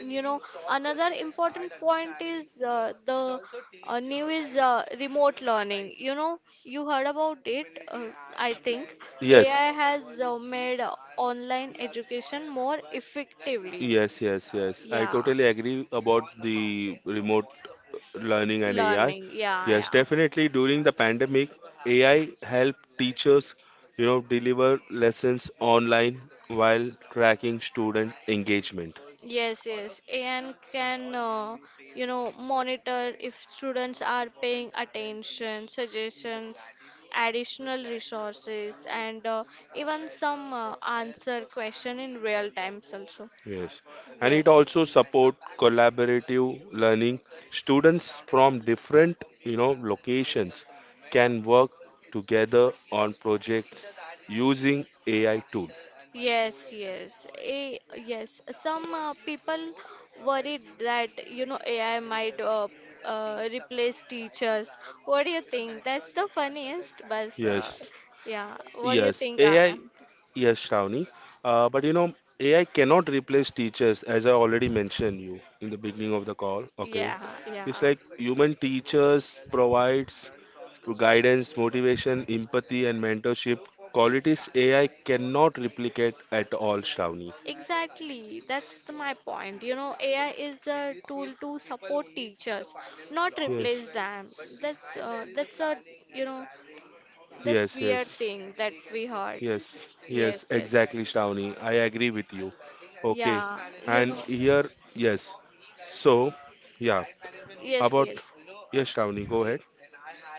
Speaker 1: You know, another important point is uh, the uh, new is uh, remote learning. You know, you heard about it, uh, I think.
Speaker 2: yes,
Speaker 1: A I has uh, made uh, online education more effectively.
Speaker 2: yes, yes, yes. I
Speaker 1: Yeah,
Speaker 2: totally agree about the remote learning and A I.
Speaker 1: learning. Yeah,
Speaker 2: Yes,
Speaker 1: yeah.
Speaker 2: definitely during the pandemic,
Speaker 1: People has
Speaker 2: A I
Speaker 1: huge faith
Speaker 2: helped
Speaker 1: in life, the
Speaker 2: teachers,
Speaker 1: success,
Speaker 2: you know,
Speaker 1: the
Speaker 2: deliver lessons
Speaker 1: innocence. No one
Speaker 2: online
Speaker 1: misses the beauty in
Speaker 2: while
Speaker 1: numbers.
Speaker 2: tracking student engagement.
Speaker 1: Yes, yes. A N can, uh, you know, monitor if students are paying attention, suggestions, additional resources, and uh, even some uh, answer question in real times also.
Speaker 2: Yes, and it
Speaker 1: Yes.
Speaker 2: also support collaborative learning. Students from different, you know, locations can work together on projects using A I tool.
Speaker 1: Yes, yes. A, yes. Some uh, people worried that you know A I might uh, uh, replace teachers. What do you think? That's the funniest, but uh,
Speaker 2: Yes,
Speaker 1: yeah. What do you
Speaker 2: yes,
Speaker 1: think,
Speaker 2: A I.
Speaker 1: Anand?
Speaker 2: Yes, Shravani. Uh, but you know, A I cannot replace teachers, as I already mentioned you in the beginning of the call. Okay,
Speaker 1: Yeah, yeah.
Speaker 2: it's like human teachers provides guidance, motivation, empathy, and mentorship qualities A I cannot replicate at all, Shravani.
Speaker 1: Exactly, that's the, my point. You know, A I is a tool to support teachers, not
Speaker 2: Yes,
Speaker 1: replace them. That's uh, that's a you know that's
Speaker 2: yes,
Speaker 1: weird
Speaker 2: yes,
Speaker 1: thing that we heard.
Speaker 2: yes, yes,
Speaker 1: Yes, yes,
Speaker 2: exactly, Shravani. I agree with you. Okay,
Speaker 1: yeah. You
Speaker 2: and
Speaker 1: know,
Speaker 2: here, yes. So, yeah,
Speaker 1: yes,
Speaker 2: about
Speaker 1: yes.
Speaker 2: yes, Shravani, go ahead.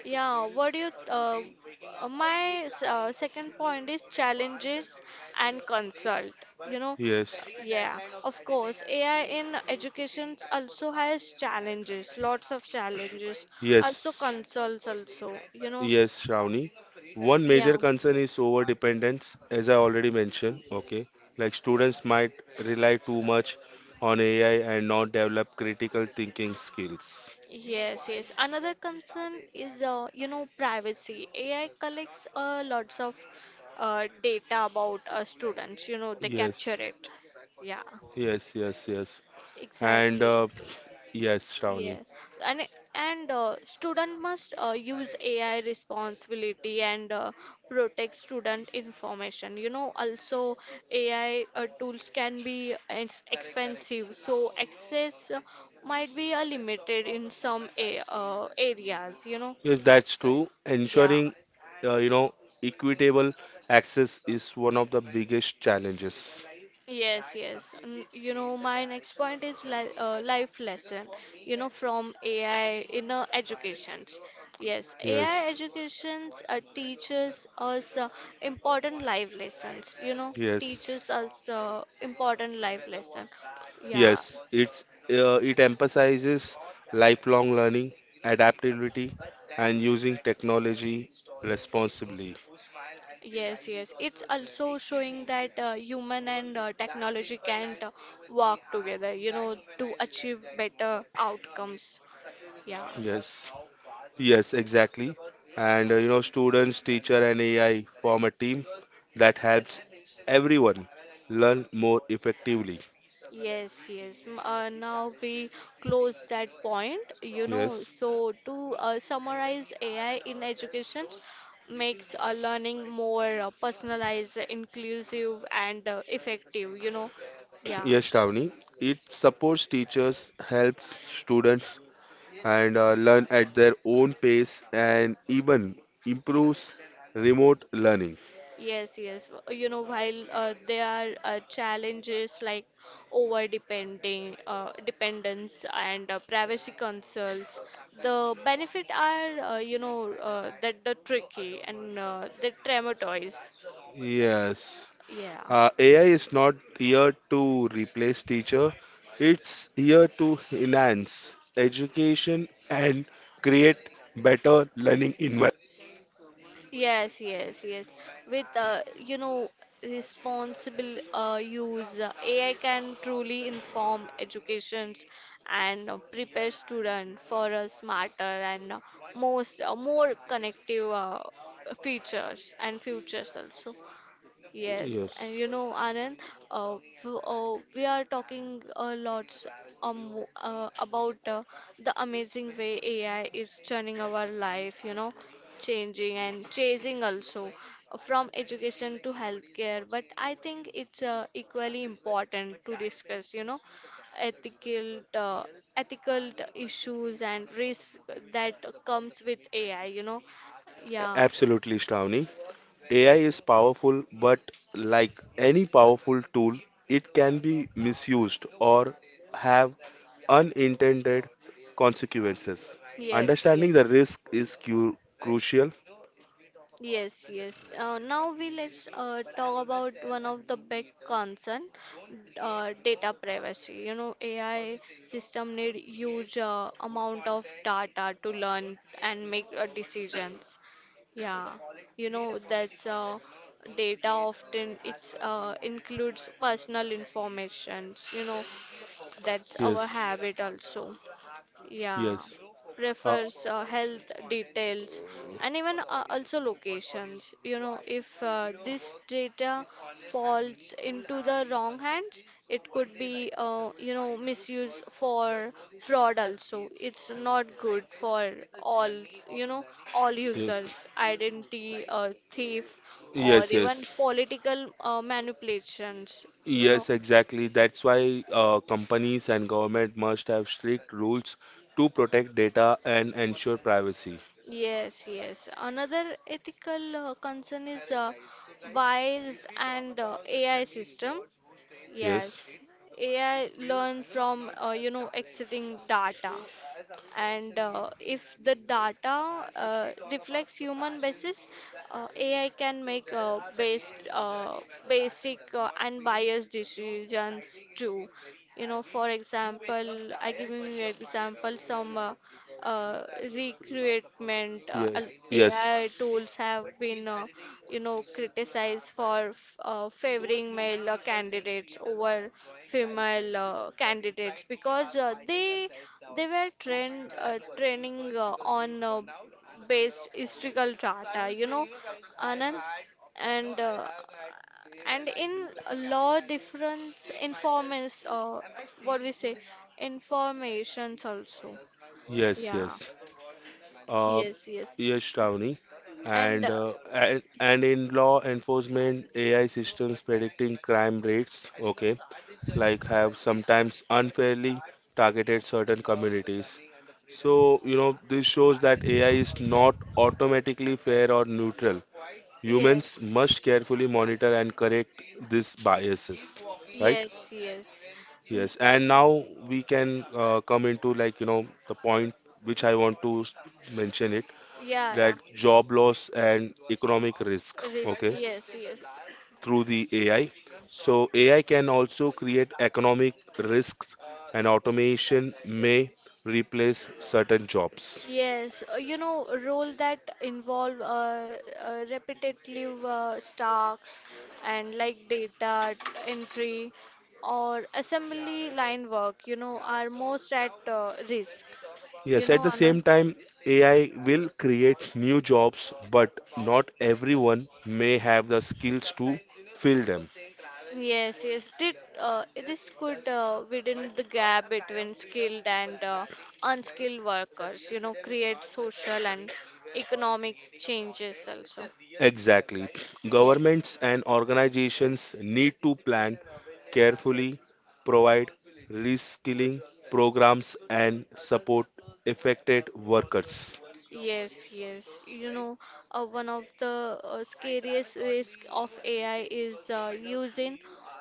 Speaker 1: Yeah, what do you, uh, uh, my s- uh, second point is challenges and consult. You know,
Speaker 2: Yes.
Speaker 1: yeah, of course, A I in education also has challenges, lots of challenges, also
Speaker 2: Yes,
Speaker 1: consults also, you know,
Speaker 2: yes, Shravani. One
Speaker 1: yeah.
Speaker 2: major concern is over dependence, as I already mentioned. Okay, like students might rely too much on A I and not develop critical thinking skills.
Speaker 1: Yes, yes. Another concern is, uh, you know, privacy. A I collects uh, lots of uh, data about uh, students, you know, they capture
Speaker 2: Yes,
Speaker 1: it. Yeah,
Speaker 2: yes, yes, yes. And
Speaker 1: exactly.
Speaker 2: uh, yes,
Speaker 1: Yeah,
Speaker 2: Shravani.
Speaker 1: and and uh, student must uh, use A I responsibility and uh, protect student information. You know, also A I uh, tools can be uh, ex- expensive, so access uh, might be uh, limited in some a uh, areas. You know,
Speaker 2: Yes, that's true.
Speaker 1: yeah.
Speaker 2: Ensuring, uh, you know, equitable access is one of the biggest challenges.
Speaker 1: Yes, yes. N- You know, my next point is li uh, life lesson, you know, from A I in uh, educations. Yes, A I
Speaker 2: Yes,
Speaker 1: educations uh, teaches us uh, important life lessons, you know,
Speaker 2: yes.
Speaker 1: teaches us uh, important life lesson. Yeah,
Speaker 2: Yes, it's uh, it emphasizes lifelong learning, adaptability, and using technology responsibly.
Speaker 1: also gently showing that different uh, influence, human and uh, That
Speaker 2: Yes, yes, exactly. And, uh, you know, students, teacher, and A I form a team that helps everyone learn more effectively.
Speaker 1: Yes, yes. M- Uh, now we close that point. You know,
Speaker 2: Yes.
Speaker 1: so to uh, summarize, A I in education makes uh, learning more uh, personalized, inclusive, and uh, effective. You know, yeah.
Speaker 2: Yes, Shravani. It supports teachers, helps students, and uh, learn at their own pace, and even improves remote learning.
Speaker 1: Yes, yes. Uh, You know, while uh, there are uh, challenges like over depending, uh, dependence, and uh, privacy concerns, the benefit are uh, you know uh, that the tricky and uh, the traumatize.
Speaker 2: Yes.
Speaker 1: Yeah.
Speaker 2: Uh, A I is not here to replace teacher. It's here to enhance education and create better learning environment.
Speaker 1: Yes, yes, yes. With uh, you know responsible uh, use, uh, A I can truly inform educations and uh, prepare students for a smarter and uh, most uh, more connective uh, features and futures also. Yes, and
Speaker 2: Yes.
Speaker 1: you know, Anand, uh, w- uh, we are talking a lot um, uh, about uh, the amazing way A I is turning our life, you know, changing and chasing also, uh, from education to healthcare. But I think it's uh, equally important to discuss, you know, ethical uh, ethical issues and risks that comes with A I, you know. Yeah.
Speaker 2: Absolutely, Shravani. A I is powerful, but like any powerful tool, it can be misused or have unintended consequences.
Speaker 1: Yes,
Speaker 2: Understanding the
Speaker 1: yes.
Speaker 2: risk is cu- crucial.
Speaker 1: Yes, yes. Uh, now we let's uh, talk about one of the big concern, uh, data privacy. You know, A I system need huge uh, amount of data to learn and make uh, decisions. Yeah, you know that's uh, data often it's uh, includes personal information. You know, that's our
Speaker 2: Yes,
Speaker 1: habit also, yeah,
Speaker 2: yes, uh,
Speaker 1: prefers uh, health details and even uh, also locations. You know, if uh, this data falls into the wrong hands, it could be uh, you know misuse for fraud also. It's not good for all, you know, all
Speaker 2: yes.
Speaker 1: users, identity uh, thief or
Speaker 2: Yes, yes,
Speaker 1: even political uh, manipulations, you know.
Speaker 2: yes, exactly. That's why uh, companies and government must have strict rules to protect data and ensure privacy.
Speaker 1: Yes, yes. Another ethical uh, concern is uh, biased and uh, A I system.
Speaker 2: Yes,
Speaker 1: Yes, A I learn from, uh, you know exiting data, and uh, if the data uh, reflects human basis, uh, A I can make uh, based uh, basic uh, and biased decisions too. You know, for example, I give you an example some. Uh, uh, Recruitment. Uh,
Speaker 2: yes,
Speaker 1: al-
Speaker 2: yes,
Speaker 1: A I tools have been, uh, you know, criticized for f- uh, favoring male uh, candidates over female uh, candidates because uh, they they were trained uh, training uh, on uh, based historical data. You know, Anand, and uh, and in law difference informants, uh, what we say, informations also.
Speaker 2: yes, yes.
Speaker 1: Yeah.
Speaker 2: Uh,
Speaker 1: Yes, yes.
Speaker 2: yes, Shravani.
Speaker 1: And
Speaker 2: And,
Speaker 1: uh,
Speaker 2: uh, and and in law enforcement, A I systems predicting crime rates, okay, like have sometimes unfairly targeted certain communities. So, you know, this shows that A I is not automatically fair or neutral. Humans
Speaker 1: yes.
Speaker 2: must carefully monitor and correct these biases, right?
Speaker 1: Yes, yes. N-
Speaker 2: Yes, and
Speaker 1: y-
Speaker 2: now we can uh, come into, like, you know, the point which I want to s- mention it
Speaker 1: yeah,
Speaker 2: that job loss and economic risk,
Speaker 1: yeah. Risk.
Speaker 2: okay,
Speaker 1: Yes, yes.
Speaker 2: through the A I. So A I can also create economic risks, and automation may replace certain jobs.
Speaker 1: Yes, uh, you know, role that involve uh, uh, repetitive uh, tasks and like data entry or assembly line work, you know, are most at uh, risk. You
Speaker 2: Yes, at
Speaker 1: know,
Speaker 2: the
Speaker 1: Anand?
Speaker 2: same time, A I will create new jobs, but not everyone may have the skills to fill them.
Speaker 1: Yes, yes. Did uh, This could uh, widen the gap between skilled and uh, unskilled workers, you know, create social and economic changes also.
Speaker 2: Exactly.
Speaker 1: Yes.
Speaker 2: Governments and organizations need to plan carefully, provide reskilling programs, and support affected workers.
Speaker 1: Yes, yes. You know, uh, one of the uh, scariest risk of A I is uh, using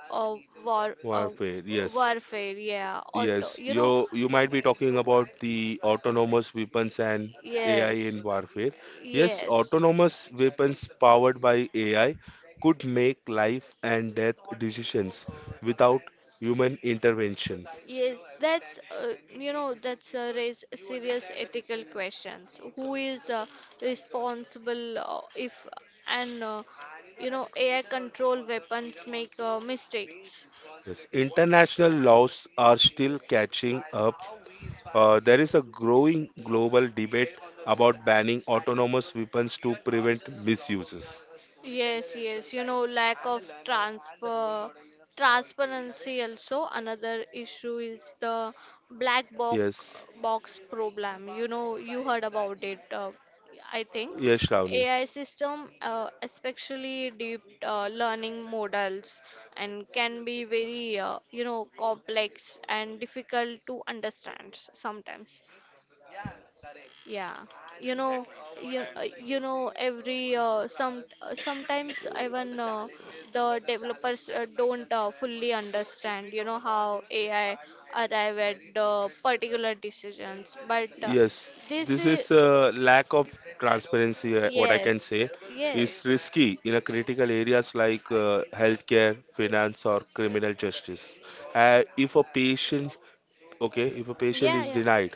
Speaker 1: uh, war uh,
Speaker 2: Warfare, yes.
Speaker 1: warfare. Yeah, auto.
Speaker 2: Yes,
Speaker 1: You
Speaker 2: you
Speaker 1: know,
Speaker 2: you might be talking about the autonomous weapons and A I
Speaker 1: yes,
Speaker 2: in warfare. Yes,
Speaker 1: yes.
Speaker 2: autonomous weapons powered by A I could make life and death decisions without human intervention.
Speaker 1: Yes, that's uh, you know that's uh, raise serious ethical questions. Who is uh, responsible uh, if an uh, you know A I control weapons make uh, mistakes?
Speaker 2: Yes, international laws are still catching up. Uh, there is a growing global debate about banning autonomous weapons to prevent misuses.
Speaker 1: Yes, yes, you know, lack of transfer transparency, also another issue is the black box
Speaker 2: Yes,
Speaker 1: box problem. You know, you heard about it. Uh, I think
Speaker 2: yes, Shravani.
Speaker 1: A I system, uh, especially deep uh, learning models, and can be very, uh, you know complex and difficult to understand sometimes. Yeah, you know, you uh, you know every uh, some uh, sometimes even uh, the developers uh, don't uh, fully understand, you know, how A I arrive at the particular decisions, but uh,
Speaker 2: Yes,
Speaker 1: this
Speaker 2: this
Speaker 1: is
Speaker 2: is a lack of transparency, uh, what I can
Speaker 1: yes,
Speaker 2: say is
Speaker 1: yes,
Speaker 2: risky in a critical areas like uh, healthcare, finance, or criminal justice. Uh, if a patient, okay, if a patient
Speaker 1: yeah,
Speaker 2: is
Speaker 1: yeah.
Speaker 2: denied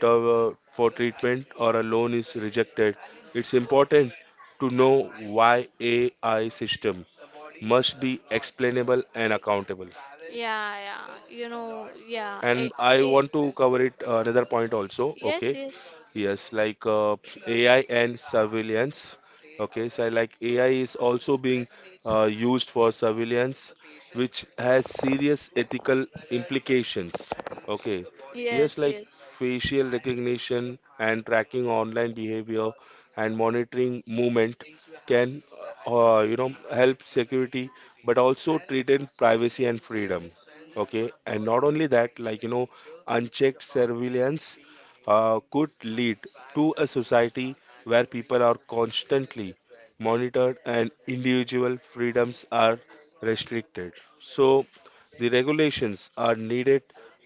Speaker 2: to, uh, for treatment or a loan is rejected, it's important to know why A I system must be explainable and accountable.
Speaker 1: Yeah, yeah, you know, yeah,
Speaker 2: And
Speaker 1: a,
Speaker 2: I
Speaker 1: a,
Speaker 2: want to cover it uh, another point also.
Speaker 1: yes,
Speaker 2: Okay.
Speaker 1: yes.
Speaker 2: Yes, like uh, A I and surveillance. Okay, so like A I is also being uh, used for surveillance, which has serious ethical implications. Okay, yes,
Speaker 1: Yes,
Speaker 2: like
Speaker 1: yes.
Speaker 2: facial recognition and tracking online behavior and monitoring movement can, uh, you know, help security, but also threaten privacy and freedom. Okay, and not only that, like, you know, unchecked surveillance uh, could lead to a society where people are constantly monitored and individual freedoms are restricted. So, the regulations are needed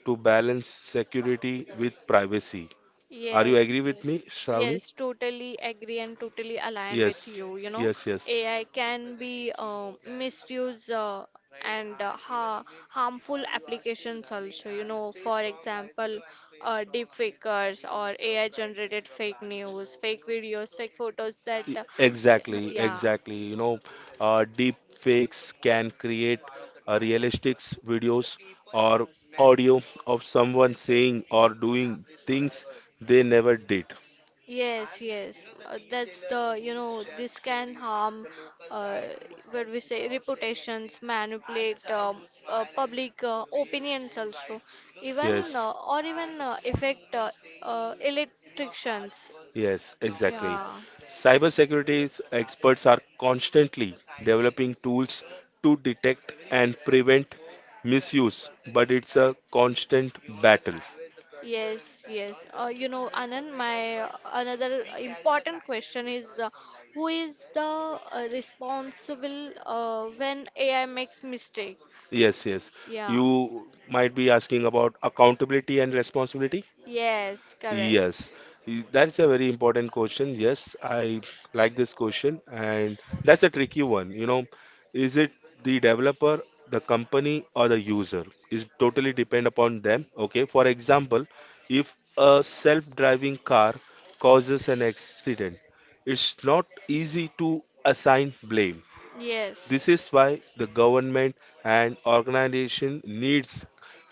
Speaker 2: to balance security with privacy. Are you
Speaker 1: Yes,
Speaker 2: agree with me,
Speaker 1: yes,
Speaker 2: Shravani?
Speaker 1: yes, totally agree and totally align with
Speaker 2: Yes,
Speaker 1: you. You know,
Speaker 2: yes, yes.
Speaker 1: A I can be um, misused uh, and uh, ha harmful applications also. You know, for example, uh, deep fakers or A I generated fake news, fake videos, fake photos that,
Speaker 2: E-
Speaker 1: uh,
Speaker 2: Exactly,
Speaker 1: yeah.
Speaker 2: exactly. You know, uh, deep fakes can create uh, realistic videos or audio of someone saying or doing things they never did.
Speaker 1: Yes, yes. Uh, that's the, you know, this can harm, uh, where we say, reputations, manipulate, um, uh, public uh, opinions also, even
Speaker 2: Yes,
Speaker 1: uh, or even uh, affect uh, uh, electricians.
Speaker 2: yes, exactly.
Speaker 1: Yeah.
Speaker 2: Cybersecurity experts are constantly developing tools to detect and prevent misuse, but it's a constant battle.
Speaker 1: Yes, yes. Uh, you know, Anand, my uh, another important question is uh, who is the uh, responsible uh, when A I makes mistake?
Speaker 2: Yes, yes.
Speaker 1: Yeah.
Speaker 2: You might be asking about accountability and responsibility.
Speaker 1: Yes, correct.
Speaker 2: Yes, Y- that's a very important question. Yes, I like this question, and that's a tricky one. You know, is it the developer, the company, or the user? Is totally depend upon them. Okay, for example, if a self-driving car causes an accident, it's not easy to assign blame.
Speaker 1: Yes.
Speaker 2: This is why the government and organization needs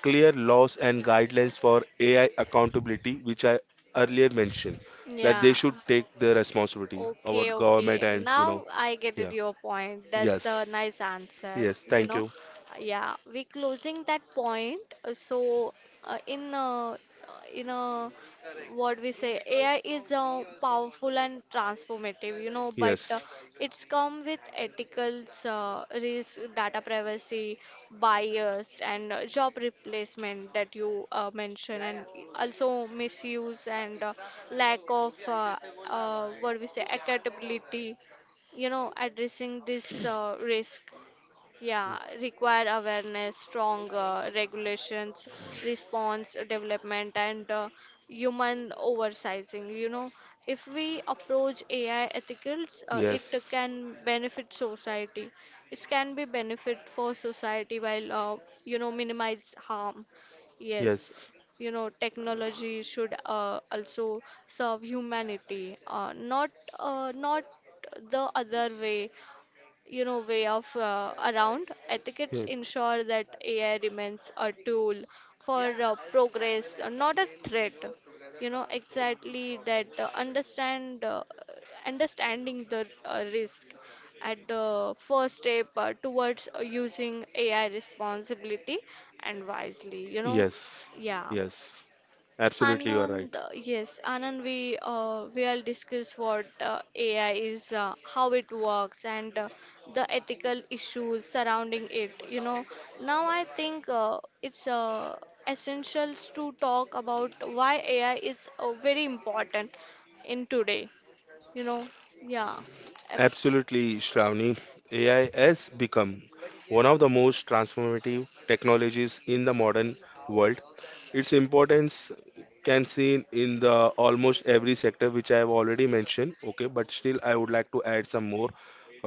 Speaker 2: clear laws and guidelines for A I accountability, which I earlier mentioned, that
Speaker 1: Yeah.
Speaker 2: they should take the responsibility
Speaker 1: Okay,
Speaker 2: about government
Speaker 1: okay.
Speaker 2: and you know,
Speaker 1: Now I get
Speaker 2: yeah,
Speaker 1: it your point. That's
Speaker 2: yes,
Speaker 1: the nice answer,
Speaker 2: yes,
Speaker 1: you
Speaker 2: thank
Speaker 1: know.
Speaker 2: you,
Speaker 1: Yeah, we closing that point. uh, So uh, in uh, uh, in uh, what we say, A I is uh, powerful and transformative, you know, but uh,
Speaker 2: yes,
Speaker 1: it's come with ethicals, uh, risk, data privacy, bias, and uh, job replacement that you uh, mentioned, and also misuse and uh, lack of uh, uh, what we say, accountability. You know, addressing this uh, risk, yeah, require awareness, strong uh, regulations, response development, and uh, human oversizing. You know, if we approach A I ethicals, uh, it
Speaker 2: yes,
Speaker 1: can benefit society. It can be benefit for society while, uh, you know minimize harm. Yes,
Speaker 2: yes,
Speaker 1: you know, technology should uh, also serve humanity, uh, not uh, not the other way, you know way of uh, around. Etiquettes
Speaker 2: yes,
Speaker 1: ensure that AI remains a tool for uh, progress, uh, not a threat, you know. Exactly, that uh, understand uh, understanding the uh, risk at the first step uh, towards uh, using AI responsibility and wisely, you know.
Speaker 2: yes,
Speaker 1: Yeah.
Speaker 2: yes, absolutely, you are right.
Speaker 1: Anand, uh, yes, Anand, we uh, we'll discuss what uh, A I is, uh, how it works, and uh, the ethical issues surrounding it. You know, now I think uh, it's uh, essential to talk about why A I is uh, very important in today. You know, yeah, abs-
Speaker 2: Absolutely, Shravani. A I has become one of the most transformative technologies in the modern world. Its importance can seen in the almost every sector which I have already mentioned. Okay, but still I would like to add some more.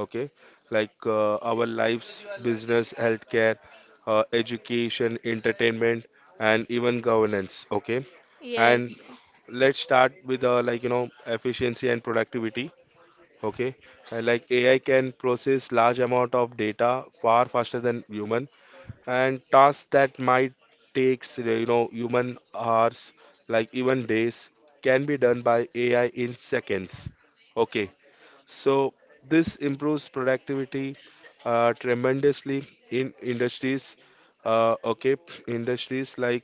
Speaker 2: Okay, like uh, our lives, business, healthcare, uh, education, entertainment, and even governance. Okay, and
Speaker 1: yes,
Speaker 2: let's start with uh, like you know efficiency and productivity, okay. And like AI can process large amount of data far faster than human, and tasks that might takes you know human hours, like even days, can be done by AI in seconds, okay. So this improves productivity uh, tremendously in industries, uh, okay industries like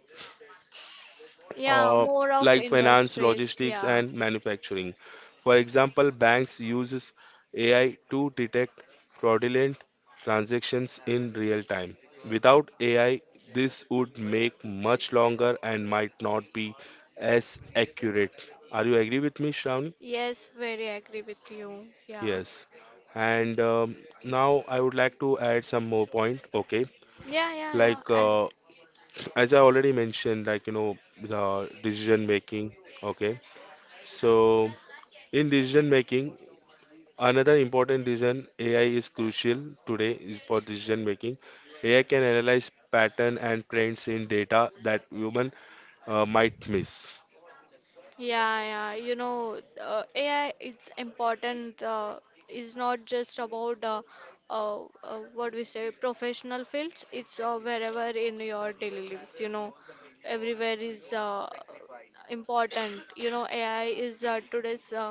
Speaker 1: yeah,
Speaker 2: uh,
Speaker 1: more of
Speaker 2: like finance,
Speaker 1: industries,
Speaker 2: logistics,
Speaker 1: yeah,
Speaker 2: and manufacturing. For example, banks uses A I to detect fraudulent transactions in real time. Without A I, this would make much longer and might not be as accurate. Are you agree with me, Shravani?
Speaker 1: yes, very agree with you, yeah,
Speaker 2: Yes. And um, now I would like to add some more point. Okay,
Speaker 1: yeah, yeah,
Speaker 2: like
Speaker 1: yeah.
Speaker 2: uh, as I already mentioned, like you know the decision making. Okay, so, in decision making, another important reason A I is crucial today is for decision making. A I can analyze pattern and trends in data that human uh, might miss.
Speaker 1: Yeah, yeah, you know, uh, A I it's important, uh, is not just about uh, uh, uh, what we say, professional fields. It's uh, wherever in your daily lives. You know, everywhere is uh, important. You know, A I is uh, today's uh,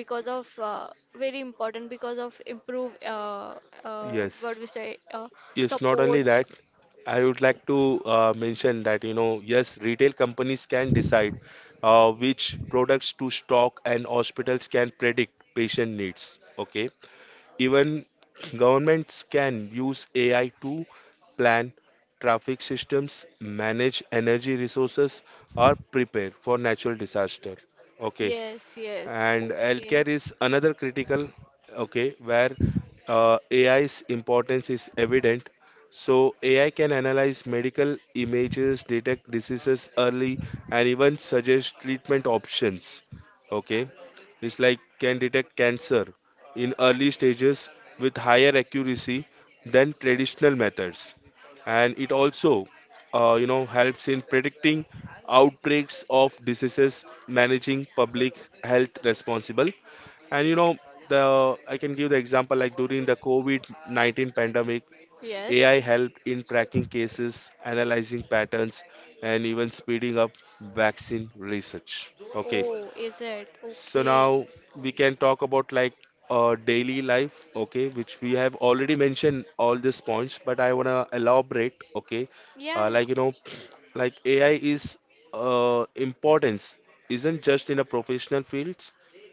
Speaker 1: because of uh, very important because of improve, uh, uh, what
Speaker 2: Yes.
Speaker 1: we say, uh,
Speaker 2: Yes, not
Speaker 1: support.
Speaker 2: only that, I would like to uh, mention that, you know, yes, retail companies can decide uh, which products to stock and hospitals can predict patient needs. Okay. Even governments can use A I to plan traffic systems, manage energy resources, or prepare for natural disaster. Okay,
Speaker 1: Yes, yes,
Speaker 2: and
Speaker 1: okay.
Speaker 2: healthcare is another critical, okay, where uh, A I's importance is evident. So A I can analyze medical images, detect diseases early, and even suggest treatment options. Okay, it's like can detect cancer in early stages with higher accuracy than traditional methods. And it also, uh, you know, helps in predicting outbreaks of diseases, managing public health responsible. And you know, the I can give the example like during the COVID nineteen pandemic,
Speaker 1: Yes.
Speaker 2: A I helped in tracking cases, analyzing patterns, and even speeding up vaccine research. Okay,
Speaker 1: Oh, is it?
Speaker 2: so
Speaker 1: Okay.
Speaker 2: now we can talk about like uh, daily life, okay, which we have already mentioned all these points, but I wanna elaborate, okay, uh,
Speaker 1: Yeah,
Speaker 2: like
Speaker 1: yeah.
Speaker 2: you know, like A I is uh, importance isn't just in a professional fields,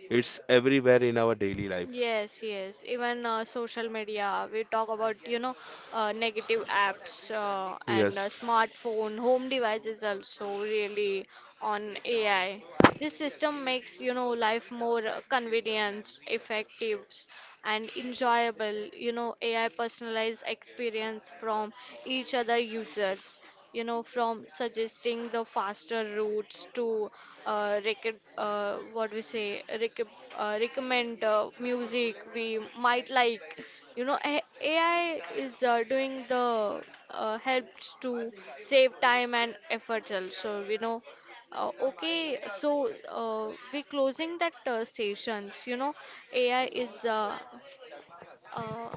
Speaker 2: it's everywhere in our daily life.
Speaker 1: Yes, yes. Even uh, social media, we talk about, you know, uh, negative apps uh, and uh,
Speaker 2: Yes,
Speaker 1: smartphone, home devices also really on A I. This system makes, you know, life more uh, convenient, effective, and enjoyable. You know, A I personalized experience from each other users, you know, from suggesting the faster routes to, uh, rec- uh, what we say, rec- uh, recommend uh, music we might like. You know, A- AI is uh, doing the uh, helps to save time and effort also, you know. Uh, okay, so uh, we closing that uh, sessions. You know, A I is, uh, uh,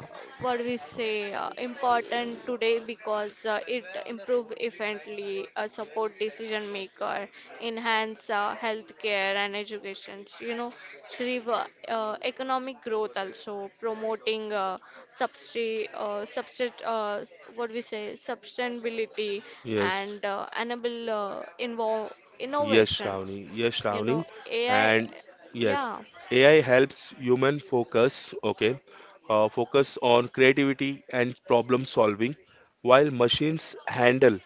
Speaker 1: what we say, uh, important today because uh, it improve efficiently, uh, support decision maker, enhance uh, healthcare and education, you know, thrive, uh, uh, economic growth, also promoting uh, substi- uh, substit- uh, what we say, sustainability
Speaker 2: yes,
Speaker 1: and uh, enable uh, invo-
Speaker 2: yes,
Speaker 1: innovations,
Speaker 2: Shravani. Yes,
Speaker 1: you know,
Speaker 2: Shravani.
Speaker 1: AI,
Speaker 2: And yes,
Speaker 1: yeah.
Speaker 2: A I helps human focus, okay, uh, focus on creativity and problem solving, while machines handle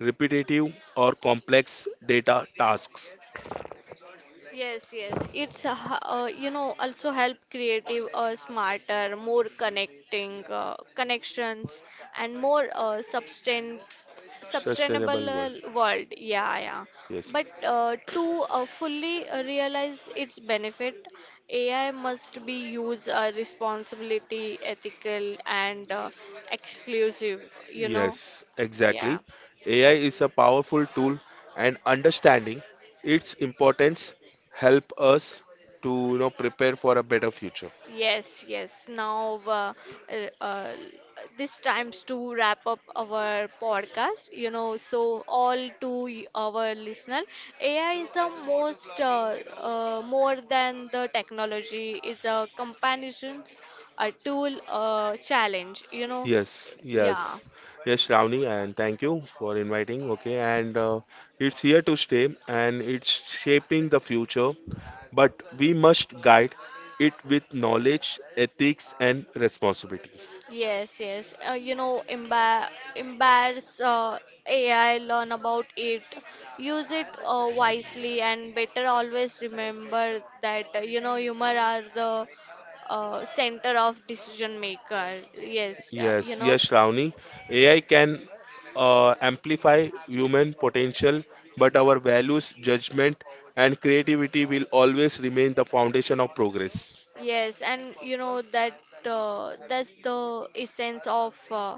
Speaker 2: repetitive or complex data tasks.
Speaker 1: Yes, yes. It's a h- uh, you know, also help creative, uh, smarter, more connecting uh, connections and more uh, sustain
Speaker 2: Sustainable
Speaker 1: sustainable uh,
Speaker 2: world.
Speaker 1: world. Yeah, yeah.
Speaker 2: Yes.
Speaker 1: But uh, to uh, fully uh, realize its benefit, A I must be used uh, responsibility, ethical and uh, exclusive, you know.
Speaker 2: Yes,
Speaker 1: Yeah.
Speaker 2: exactly. A I is a powerful tool and understanding its importance help us to you know prepare for a better future.
Speaker 1: Yes, yes. Now, uh, uh, uh, this time's to wrap up our podcast. You know, so all to y- our listener, A I is the most, uh, uh, more than the technology. It's a companion, a tool, a challenge. You know,
Speaker 2: Yes,
Speaker 1: yeah.
Speaker 2: yes, yes, Shravani, and thank you for inviting. Okay, and uh, it's here to stay and it's shaping the future, but we must guide it with knowledge, ethics, and responsibility.
Speaker 1: Yes, yes. Uh, you know, embar embarrass uh, A I, learn about it, use it uh, wisely, and better always remember that, uh, you know humor are the uh, center of decision maker. Yes, uh, you
Speaker 2: Yes,
Speaker 1: know.
Speaker 2: yes, Shravani, A I can uh, amplify human potential, but our values, judgment, and creativity will always remain the foundation of progress.
Speaker 1: Yes, and you know that uh, that's the essence of uh,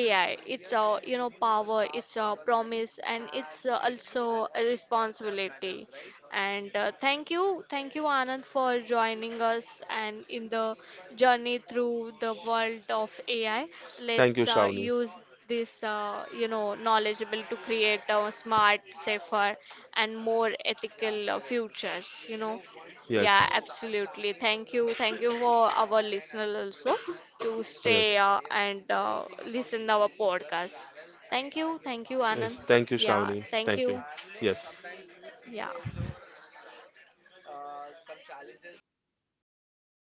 Speaker 1: A I. It's a, you know, power, it's a promise, and it's uh, also a responsibility. And uh, thank you, thank you, Anand, for joining us and in the journey through the world of A I.
Speaker 2: Thank you,
Speaker 1: Let's uh,
Speaker 2: Shravani.
Speaker 1: use this, uh, you know knowledgeable to create a smart, safer and more ethical uh, futures, you know, yeah,
Speaker 2: Yes,
Speaker 1: absolutely. Thank you, thank you, for our listener also to stay
Speaker 2: yes.
Speaker 1: uh, and uh, listen our podcast. Thank you, thank you, Anand.
Speaker 2: Yes, thank you,
Speaker 1: Yeah,
Speaker 2: Shravani.
Speaker 1: thank
Speaker 2: Thank
Speaker 1: you.
Speaker 2: you. Yes.
Speaker 1: Yeah.